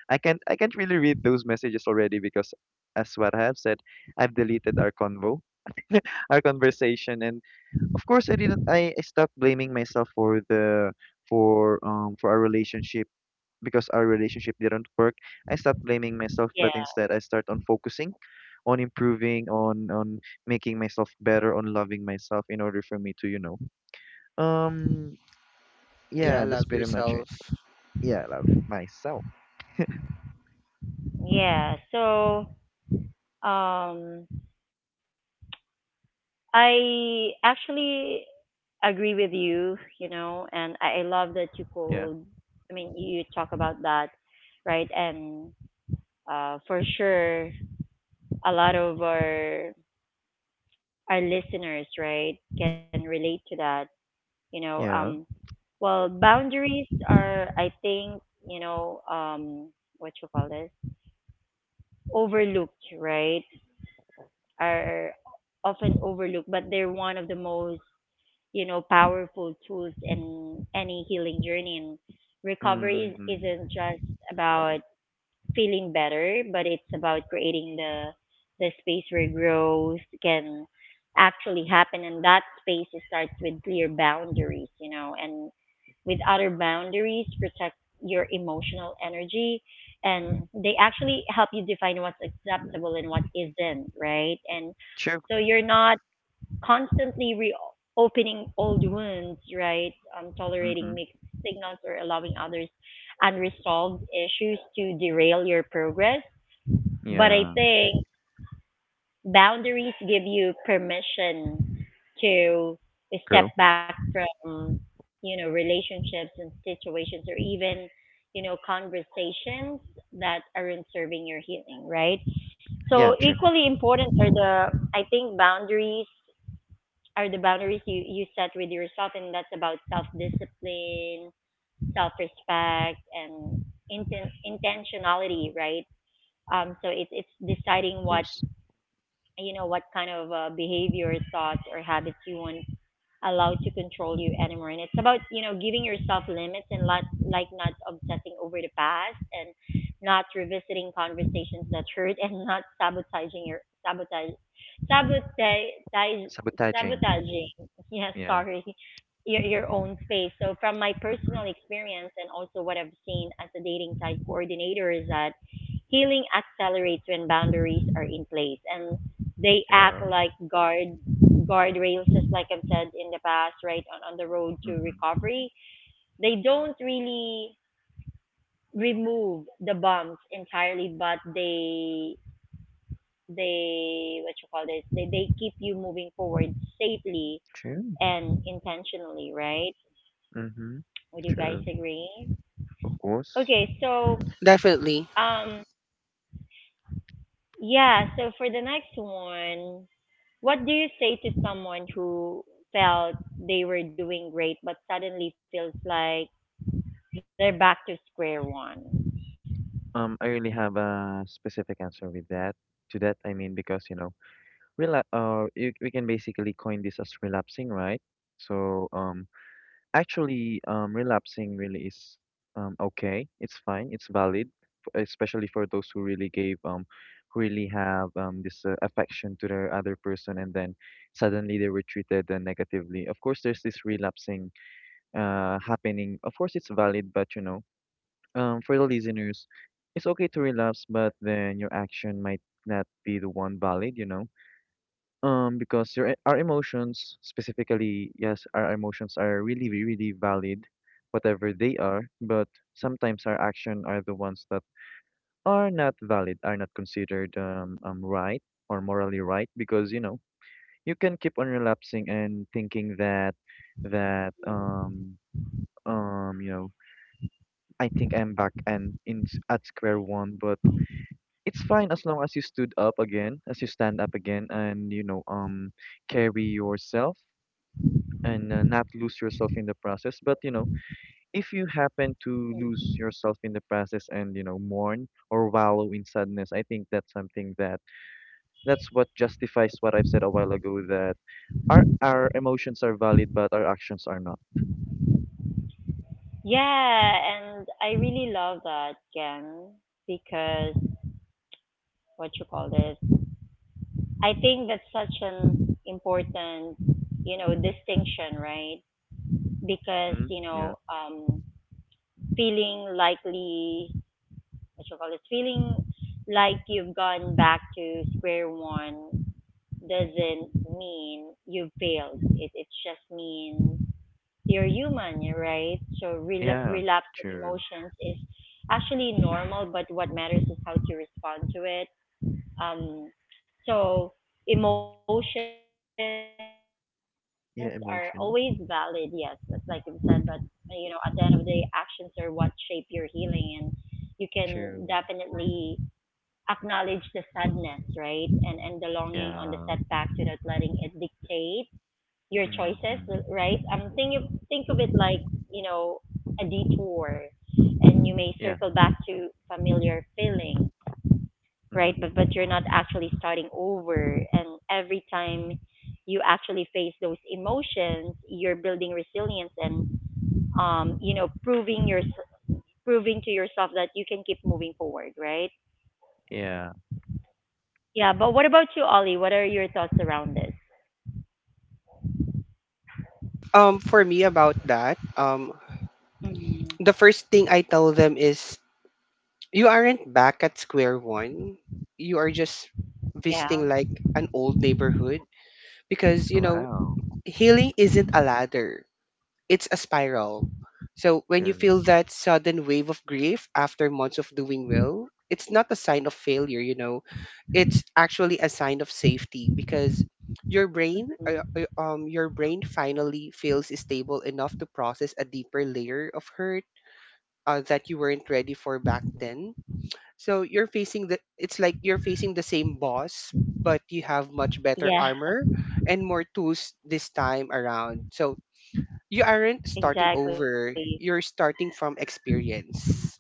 S3: I can't I
S1: Oh.
S3: can't really read those messages already, because as what I have said, I've deleted our convo, our conversation. And of course I didn't I, I stopped blaming myself for the, for um for our relationship, because our relationship didn't work. I stopped blaming myself, but instead I start
S1: Yeah.
S3: on focusing on improving on on making myself better, on loving myself, in order for me to, you know. Um
S2: yeah
S3: yeah, that's
S2: love
S3: pretty much it.
S2: yourself
S3: Yeah, love myself.
S1: Yeah. So, um, I actually agree with you, you know, and I I
S3: Yeah.
S1: love that you called, I mean, you talk about that, right? And uh, for sure, a lot of our our listeners, right, can relate to that,
S3: Yeah.
S1: you know. Um, well, boundaries are, I think, you know, um, what you call this, overlooked, right? Are often overlooked, but they're one of the most, you know, powerful tools in any healing journey. And
S3: Mm-hmm.
S1: recovery isn't just about feeling better, but it's about creating the the space where growth can actually happen. And that space starts with clear boundaries, you know, and with other boundaries protect your emotional energy, and they actually help you define what's acceptable and what isn't,
S3: True.
S1: right? And so you're not constantly reopening old wounds,
S3: Mm-hmm.
S1: right? Um, tolerating mixed signals or allowing others unresolved issues to derail your progress.
S3: Yeah.
S1: But I think boundaries give you permission
S3: Girl.
S1: to step back from, you know, relationships and situations, or even, you know, conversations that aren't serving your healing,
S3: Yeah,
S1: right?
S3: true. Of
S1: So equally important are the, I think, boundaries are the boundaries you, you set with yourself, and that's about self discipline, self respect, and inten- intentionality, right? Um, so it's
S3: course.
S1: it's deciding what you know what kind of uh, behavior, thoughts, or habits you want allowed to control you anymore. And it's about, you know, giving yourself limits and not, like not obsessing over the past and not revisiting conversations that hurt and *laughs* not sabotaging your sabotage
S3: Sabotaging.
S1: sabotage
S3: Yeah.
S1: sabotaging *laughs* yeah, sorry, your your own
S3: Mm-hmm.
S1: space. So from my personal experience and also what I've seen as a dating site coordinator is that healing accelerates when boundaries are in
S3: Yeah.
S1: place, and they act like guard guardrails, just like I've said in the
S3: Mm-hmm.
S1: past, right, on, on the road to recovery, they don't really remove the bumps entirely, but they they what you call this they, they keep you moving
S3: True.
S1: forward safely and
S3: Mm-hmm.
S1: intentionally, right?
S3: Sure.
S1: Would you
S3: Of
S1: guys
S3: course.
S1: agree?
S2: definitely
S1: Okay, so um yeah, so for the next one, what do you say to someone who felt they were doing great but suddenly feels like they're back to square one.
S3: Um, I really have a specific answer with that. To that, I mean, because you know, rela uh, you, we can basically coin this as relapsing, right? So, um, actually, um, relapsing really is um okay. It's fine. It's valid, f- especially for those who really gave, um, who really have um this uh, affection to their other person, and then suddenly they were treated, uh, negatively. Of course there's this relapsing uh happening. Of course it's valid, but you know. Um, for the listeners, it's okay to relapse, but then your action might not be the one valid, you know? Um, because your e- our emotions, specifically, yes, our emotions are really, re- really valid, whatever they are. But sometimes our action are the ones that are not valid, are not considered, um, um right, or morally right, because you know you can keep on relapsing and thinking that that um
S1: Mm.
S3: um you know I think I'm back, and in s- at square one. But it's fine as long as you stood up again, as you stand up again. And, you know, um, carry yourself and, uh, not lose yourself in the process. But, you know, if you happen to lose yourself in the process, and, you know, mourn or wallow in sadness, I think that's something that that's what justifies what I've said a while ago, that our our emotions are valid, but our actions are not.
S1: Yeah, and I really love that, Ken, because what you call this, I think that's such an important, you know, distinction, right?
S3: Hmm? Yeah.
S1: Because, you know, um, feeling likely, what you call this, feeling like you've gone back to square one doesn't mean you failed. It, it just means you're human,
S3: Yeah.
S1: right?
S3: True.
S1: So rela relapse in emotions is actually normal, but what matters is how to respond to it. Um, so emotions are always
S3: Yeah.
S1: valid,
S3: Emotion.
S1: yes, that's like you said, but you know, at the end of the day, actions are what shape your healing, and you can
S3: True.
S1: definitely acknowledge the sadness, right, and and the longing on the
S3: Yeah.
S1: setback without letting it dictate your choices, right?
S3: Mm-hmm.
S1: Um, think you think of it like, you know, a detour, and you may
S3: Yeah.
S1: circle back to familiar feeling,
S3: Mm-hmm.
S1: right? But but you're not actually starting over, and every time you actually face those emotions, you're building resilience and um, you know, proving your proving to yourself that you can keep moving forward, right?
S3: Yeah.
S1: Yeah, but what about you, Ollie? What are your thoughts around this?
S2: um for me about that, um
S1: Hmm.
S2: the first thing I tell them is you aren't back at square one. You are just
S1: Yeah.
S2: visiting like an old neighborhood because, you know,
S3: Wow,
S2: healing isn't a ladder, it's a spiral. So when you
S3: sure.
S2: feel that sudden wave of grief after months of doing well, it's not a sign of failure, you know. It's actually a sign of safety because your brain
S1: Mm.
S2: uh, uh, um your brain finally feels stable enough to process a deeper layer of hurt, uh, that you weren't ready for back then. So you're facing the it's like you're facing the same boss, but you have much better
S1: Yeah,
S2: armor and more tools this time around. So you aren't
S1: *laughs*
S2: starting
S1: exactly.
S2: over. You're starting from experience.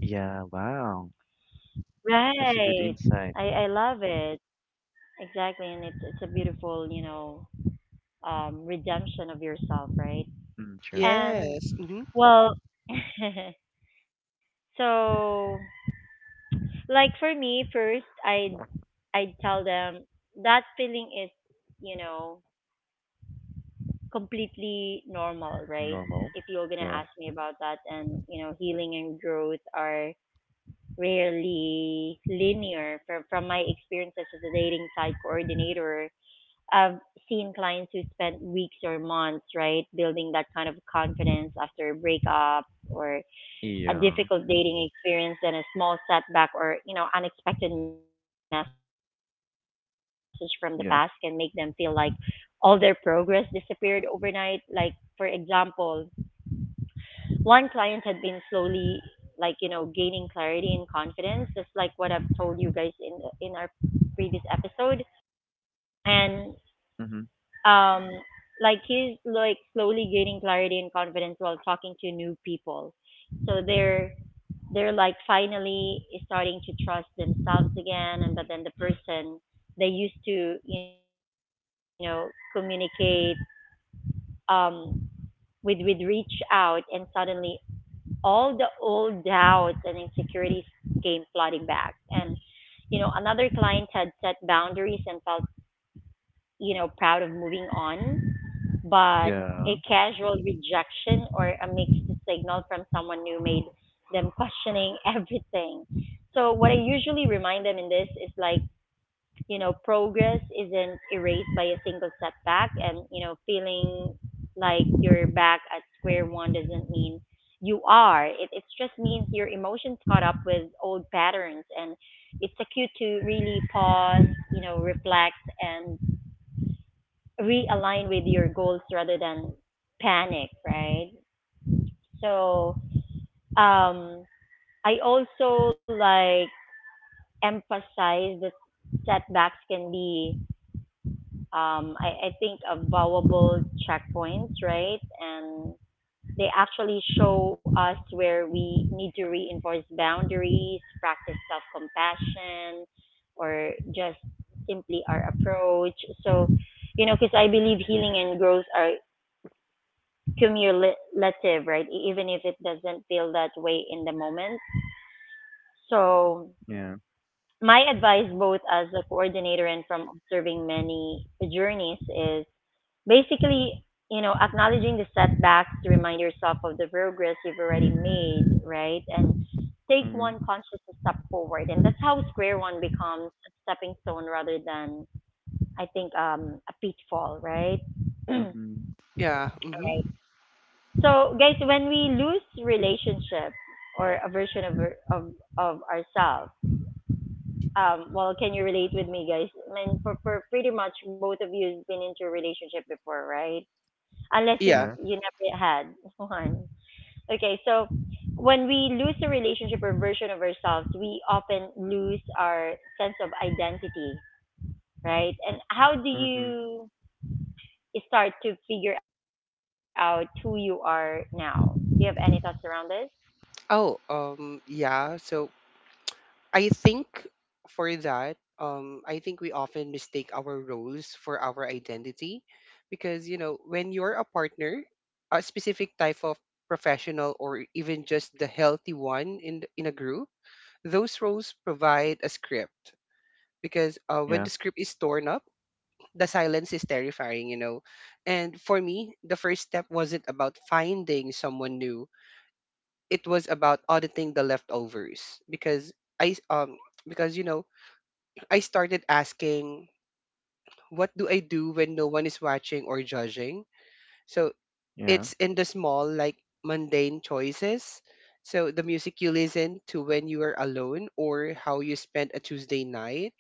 S3: Yeah, wow.
S1: Right.
S3: That's a good
S1: I I
S3: insight.
S1: love it. Exactly, and it's it's a beautiful, you know, um, redemption of yourself, right?
S3: Mm, sure.
S1: And
S2: Yes. Mm-hmm.
S1: well, *laughs* so like for me, first I I I'd tell them that feeling is, you know, completely normal, right?
S3: Normal.
S1: If you're gonna
S3: Yeah.
S1: ask me about that, and you know, healing and growth are rarely linear. From from my experience as a dating site coordinator, I've seen clients who spent weeks or months, right, building that kind of confidence after a breakup or a
S3: Yeah,
S1: difficult dating experience, and a small setback or, you know, unexpected message from the past can make them feel like all their
S3: yeah.
S1: progress disappeared overnight. Like, for example, one client had been slowly, like, you know, gaining clarity and confidence, just like what I've told you guys in the, in our previous episode, and
S3: Mm-hmm.
S1: um like he's like slowly gaining clarity and confidence while talking to new people, so they're they're like finally starting to trust themselves again, and but then the person they used to, you know, communicate um with with reach out, and suddenly all the old doubts and insecurities came flooding back. And you know, another client had set boundaries and felt, you know, proud of moving on, but a
S3: Yeah.
S1: casual rejection or a mixed signal from someone who made them questioning *laughs* everything. So what I
S3: Mm,
S1: usually remind them in this is, like, you know, progress isn't erased by a single setback, and, you know, feeling like you're back at square one doesn't mean you are. It it just means your emotions caught up with old patterns, and it's a cue to really pause, you know, reflect, and realign with your goals rather than panic, right? So, um, I also like emphasize that setbacks can be, um, I, I think, a checkpoints, right? And they actually show us where we need to reinforce boundaries, practice self compassion, or just simply our approach. So, you know, because I believe healing and growth are cumulative, right? E- Even if it doesn't feel that way in the moment. So,
S3: yeah.
S1: my advice, both as a coordinator and from observing many journeys, is basically, you know, acknowledging the setbacks, remind yourself of the progress you've already made, right? And take
S3: Mm,
S1: one conscious step forward. And that's how square one becomes a stepping stone rather than, I think, um, a pitfall, right? *clears throat*
S3: mm-hmm.
S2: Yeah. Mm-hmm.
S1: Right. So, guys, when we lose relationship or a version of our- of of ourselves, um, well, can you relate with me, guys? I mean, for for pretty much both of you has been into a relationship before, right? Unless you
S2: Yeah.
S3: Yeah.
S1: you never had *laughs* one. Okay, so when we lose a relationship or version of ourselves, we often lose our sense of identity, right? And how do
S3: Mm-hmm.
S1: you start to figure out who you are now? Do you have any thoughts around this?
S2: Oh, um, yeah. So I think for that, um, I think we often mistake our roles for our identity because, you know, when you're a partner, a specific type of professional or even just the healthy one in, th- in a group, those roles provide a script because, uh, when
S3: Yeah.
S2: the script is torn up, the silence is terrifying, you know. And for me, the first step wasn't about finding someone new. It was about auditing the leftovers because I s- um because you know I started asking, what do I do when no one is watching or judging? So
S3: Yeah.
S2: it's in the small, like mundane choices. So the music you listen to when you are alone or how you spend a Tuesday night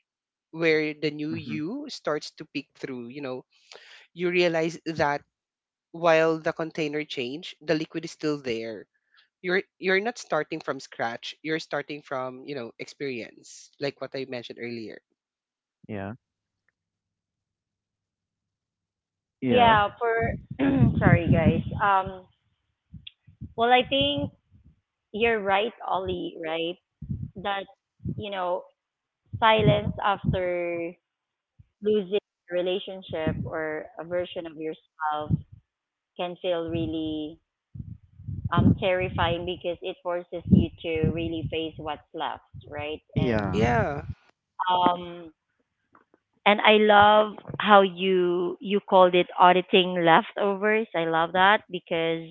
S2: where the new
S3: Mm-hmm.
S2: you starts to peek through, you know, you realize that while the container changed, the liquid is still there. You're you're not starting from scratch. You're starting from, you know, experience, like what I mentioned earlier.
S3: Yeah. Yeah.
S1: Yeah, for *clears throat* sorry guys. Um well, I think you're right, Ollie, right? That you know, silence after losing a relationship or a version of yourself can feel really um terrifying because it forces you to really face what's left, right? And
S3: Yeah.
S2: Yeah.
S1: um and I love how you you called it auditing leftovers. I love that because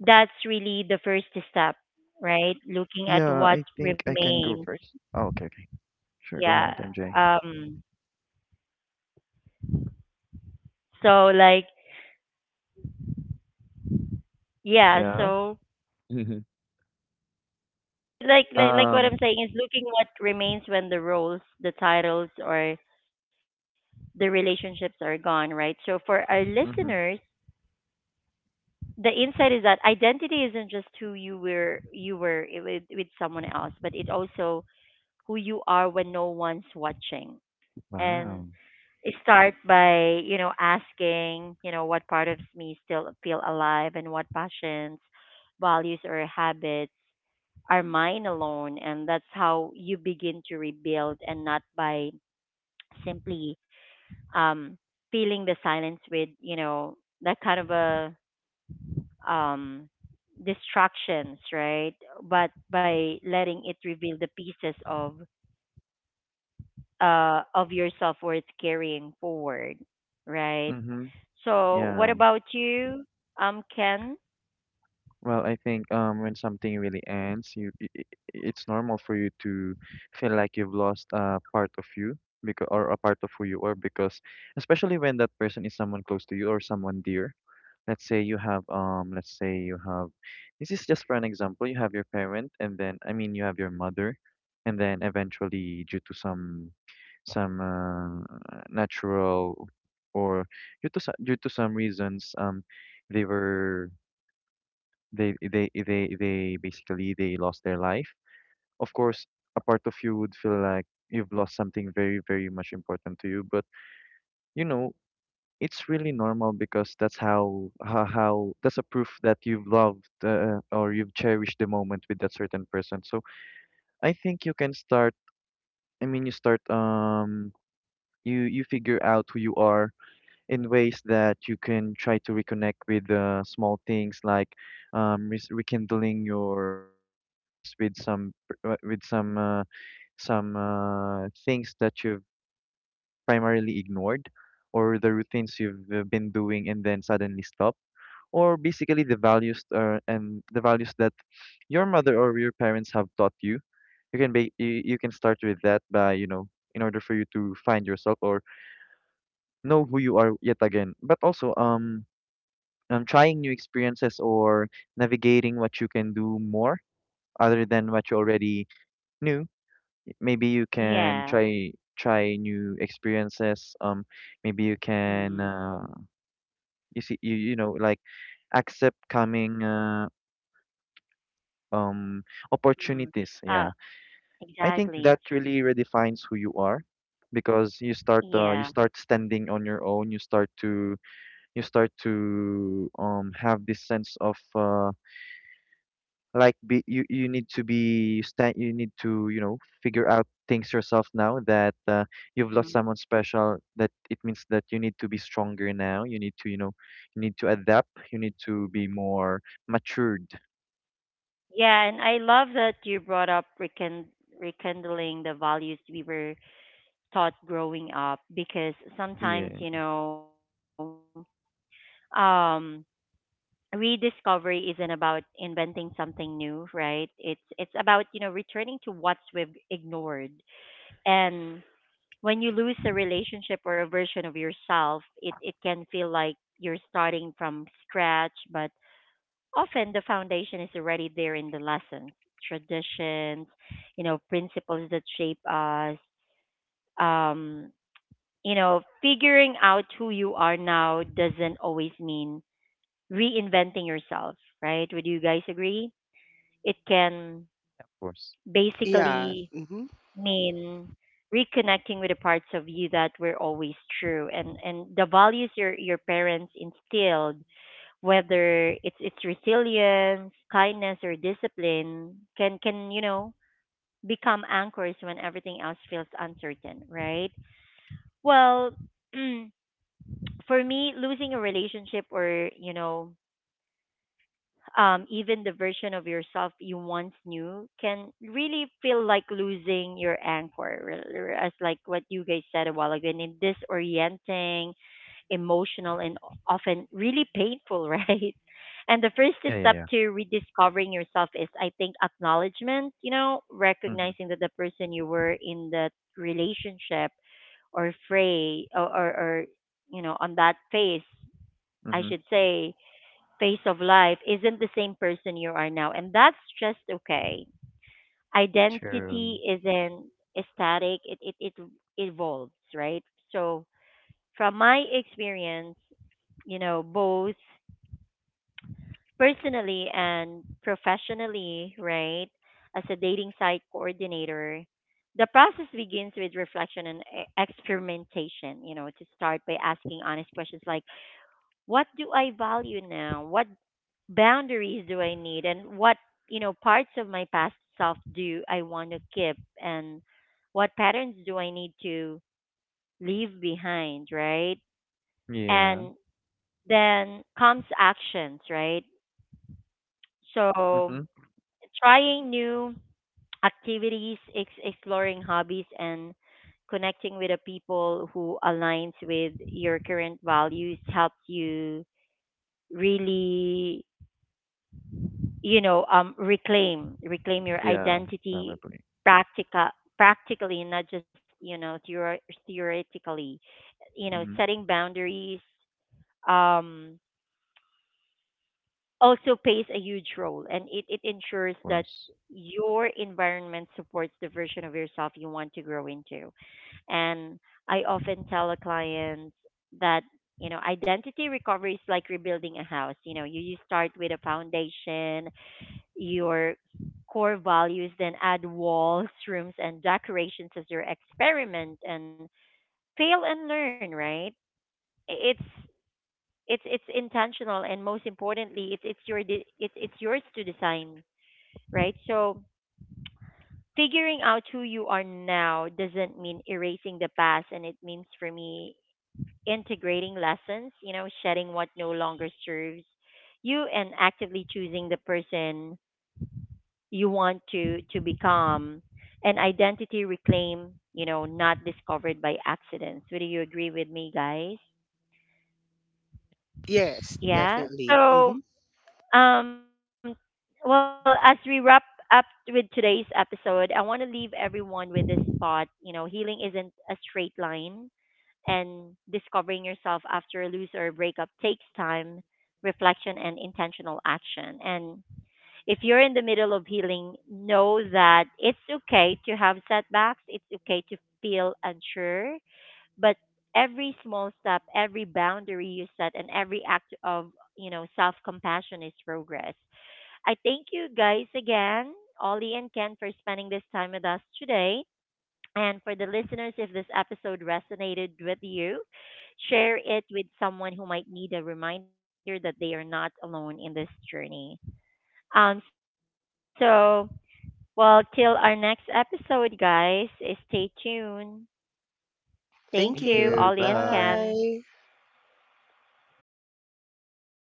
S1: that's really the first step, right? Looking at
S3: Yeah,
S1: what
S3: I think I can go
S1: remains.
S3: first. Oh, okay, okay. Sure, go
S1: Yeah.
S3: ahead, M J.
S1: Um so like yeah,
S3: Yeah.
S1: so
S3: *laughs*
S1: so like like like what I'm
S3: Um,
S1: saying is looking what remains when the roles, the titles or the relationships are gone, right? So for our listeners,
S3: mm-hmm.
S1: the insight is that identity isn't just who you were you were i- with with someone else, but it also who you are when no one's watching. And
S3: Wow.
S1: start by, you know, asking, you know, what part of me still feel alive, and what passions, values or habits are mine alone, and that's how you begin to rebuild, and not by simply um filling the silence with, you know, that kind of a um distractions, right? But by letting it reveal the pieces of uh, of your self worth carrying forward, right?
S3: Mm-hmm.
S1: So, what
S3: Yeah.
S1: about you, um, Ken?
S3: Well, I think, um, when something really ends, you i i- it's normal for you to feel like you've lost a part of you, because, or a part of who you are, because especially when that person is someone close to you or someone dear. Let's say you have um, let's say you have, this is just for an example. You have your parent, and then I mean you have your mother, and then eventually due to some some uh, natural, or due to so- due to some reasons, um, they were, they they they they basically they lost their life. Of course a part of you would feel like you've lost something very, very much important to you. But, you know it's really normal, because that's how how, how that's a proof that you've loved, uh, or you've cherished the moment with that certain person. So I think you can start i mean you start um you you figure out who you are, in ways that you can try to reconnect with, uh, small things, like um, res- rekindling your your interest with some p- uh, with some uh, some uh, things that you've primarily ignored, or the routines you've, uh, been doing, and then suddenly stop, or basically the values, uh, and the values that your mother or your parents have taught you. You can be you, you can start with that, by you know in order for you to find yourself, or know who you are yet again. But also, um um, trying new experiences, or navigating what you can do more, other than what you already knew. Maybe you can
S1: Yeah.
S3: try try new experiences. Um, maybe you can,
S1: Mm,
S3: uh, you see you you know like accept coming, uh, um
S1: mm.
S3: opportunities. Yeah,
S1: Uh,
S3: I think that
S1: exactly.
S3: really redefines who you are, because you start uh, you
S1: Yeah.
S3: start standing on your own. You start to you start to um have this sense of, uh, like, be you you need to be stand you need to you know figure out things yourself, now that, uh, you've lost
S1: Mm.
S3: someone special. That it means that you need to be stronger now. You need to you know you need to adapt. You need to be more matured.
S1: Yeah, and I love that you brought up rekind- rekindling the values we were taught growing up because
S3: Yeah,
S1: sometimes, you
S3: of
S1: know, um, rediscovery isn't about inventing something new, right? It's it's about, you know, returning to what we've ignored. And when you lose a relationship or a version of yourself, it, it can feel like you're starting from scratch, but often the foundation is already there in the lessons, traditions, you know, principles that shape us. Um, you know, figuring out who you are now doesn't always mean reinventing yourself, right? Would you guys agree? It can
S3: course.
S2: Yeah.
S1: basically mean reconnecting with the parts of you that were always true, and and the values your your parents instilled, whether it's it's resilience, kindness or discipline, can can you know, become anchors when everything else feels uncertain, right? Well, *clears throat* for me, losing a relationship or, you know, um, even the version of yourself you once knew can really feel like losing your anchor, r- r- as like what you guys said a while ago, and it's disorienting, emotional, and often really painful, *laughs* right? And the first
S3: Yeah, yeah,
S1: step
S3: yeah.
S1: to rediscovering yourself is, I think, acknowledgement, you know,
S3: Mhm.
S1: recognizing that the person you were in that relationship or fray or, or, or, you know, on that phase, I
S3: Mhm.
S1: should say, phase of life isn't the same person you are now, and that's just okay.
S3: True.
S1: Identity isn't static; it it, it evolves, right? So, from my experience, you know, both personally and professionally, right, as a dating site coordinator, the process begins with reflection and e- experimentation. You know, to start by asking honest questions like what do I value now? What boundaries do I need? And what, you know, parts of my past self do I want to keep? And what patterns do I need to leave behind, right?
S3: Yeah.
S1: And then comes actions, right? So
S3: Mhm.
S1: trying new activities, ex- exploring hobbies, and connecting with the people who aligns with your current values helps you really, you know, um reclaim reclaim your
S3: Yeah,
S1: identity
S3: probably.
S1: practica practically, not just, you know, theor- theoretically, you know,
S3: Mhm. Of
S1: setting boundaries, um also plays a huge role, and it, it ensures that
S3: course.
S1: your environment supports the version of yourself you want to grow into. And I often tell a client that, you know, identity recovery is like rebuilding a house. You know, you, you start with a foundation, your core values, then add walls, rooms, and decorations as your experiment, and fail and learn. Right? It's it's it's intentional, and most importantly, it's it's your de- it's it's yours to design. Right? So figuring out who you are now doesn't mean erasing the past, and it means for me integrating lessons. You know, shedding what no longer serves you and actively choosing the person you want to to become an identity reclaim, you know, not discovered by accidents. Would you agree with me, guys?
S2: Yes,
S1: Yeah,
S2: definitely.
S1: so
S2: Hmm.
S1: um well, as we wrap up with today's episode, I want to leave everyone with this thought. You know, healing isn't a straight line, and discovering yourself after a lose or a breakup takes time, reflection and intentional action. And if you're in the middle of healing, know that it's okay to have setbacks. It's okay to feel unsure, but every small step, every boundary you set, and every act of, you know, self-compassion is progress. I thank you guys again, Ollie and Ken, for spending this time with us today. And for the listeners, if this episode resonated with you, share it with someone who might need a reminder that they are not alone in this journey. Um, so well, till our next episode, guys, stay tuned.
S2: Thank
S3: Thank
S1: Thank
S3: you.
S2: you.
S1: you, Ollie
S3: Bye.
S1: and
S2: Bye.
S1: Ken.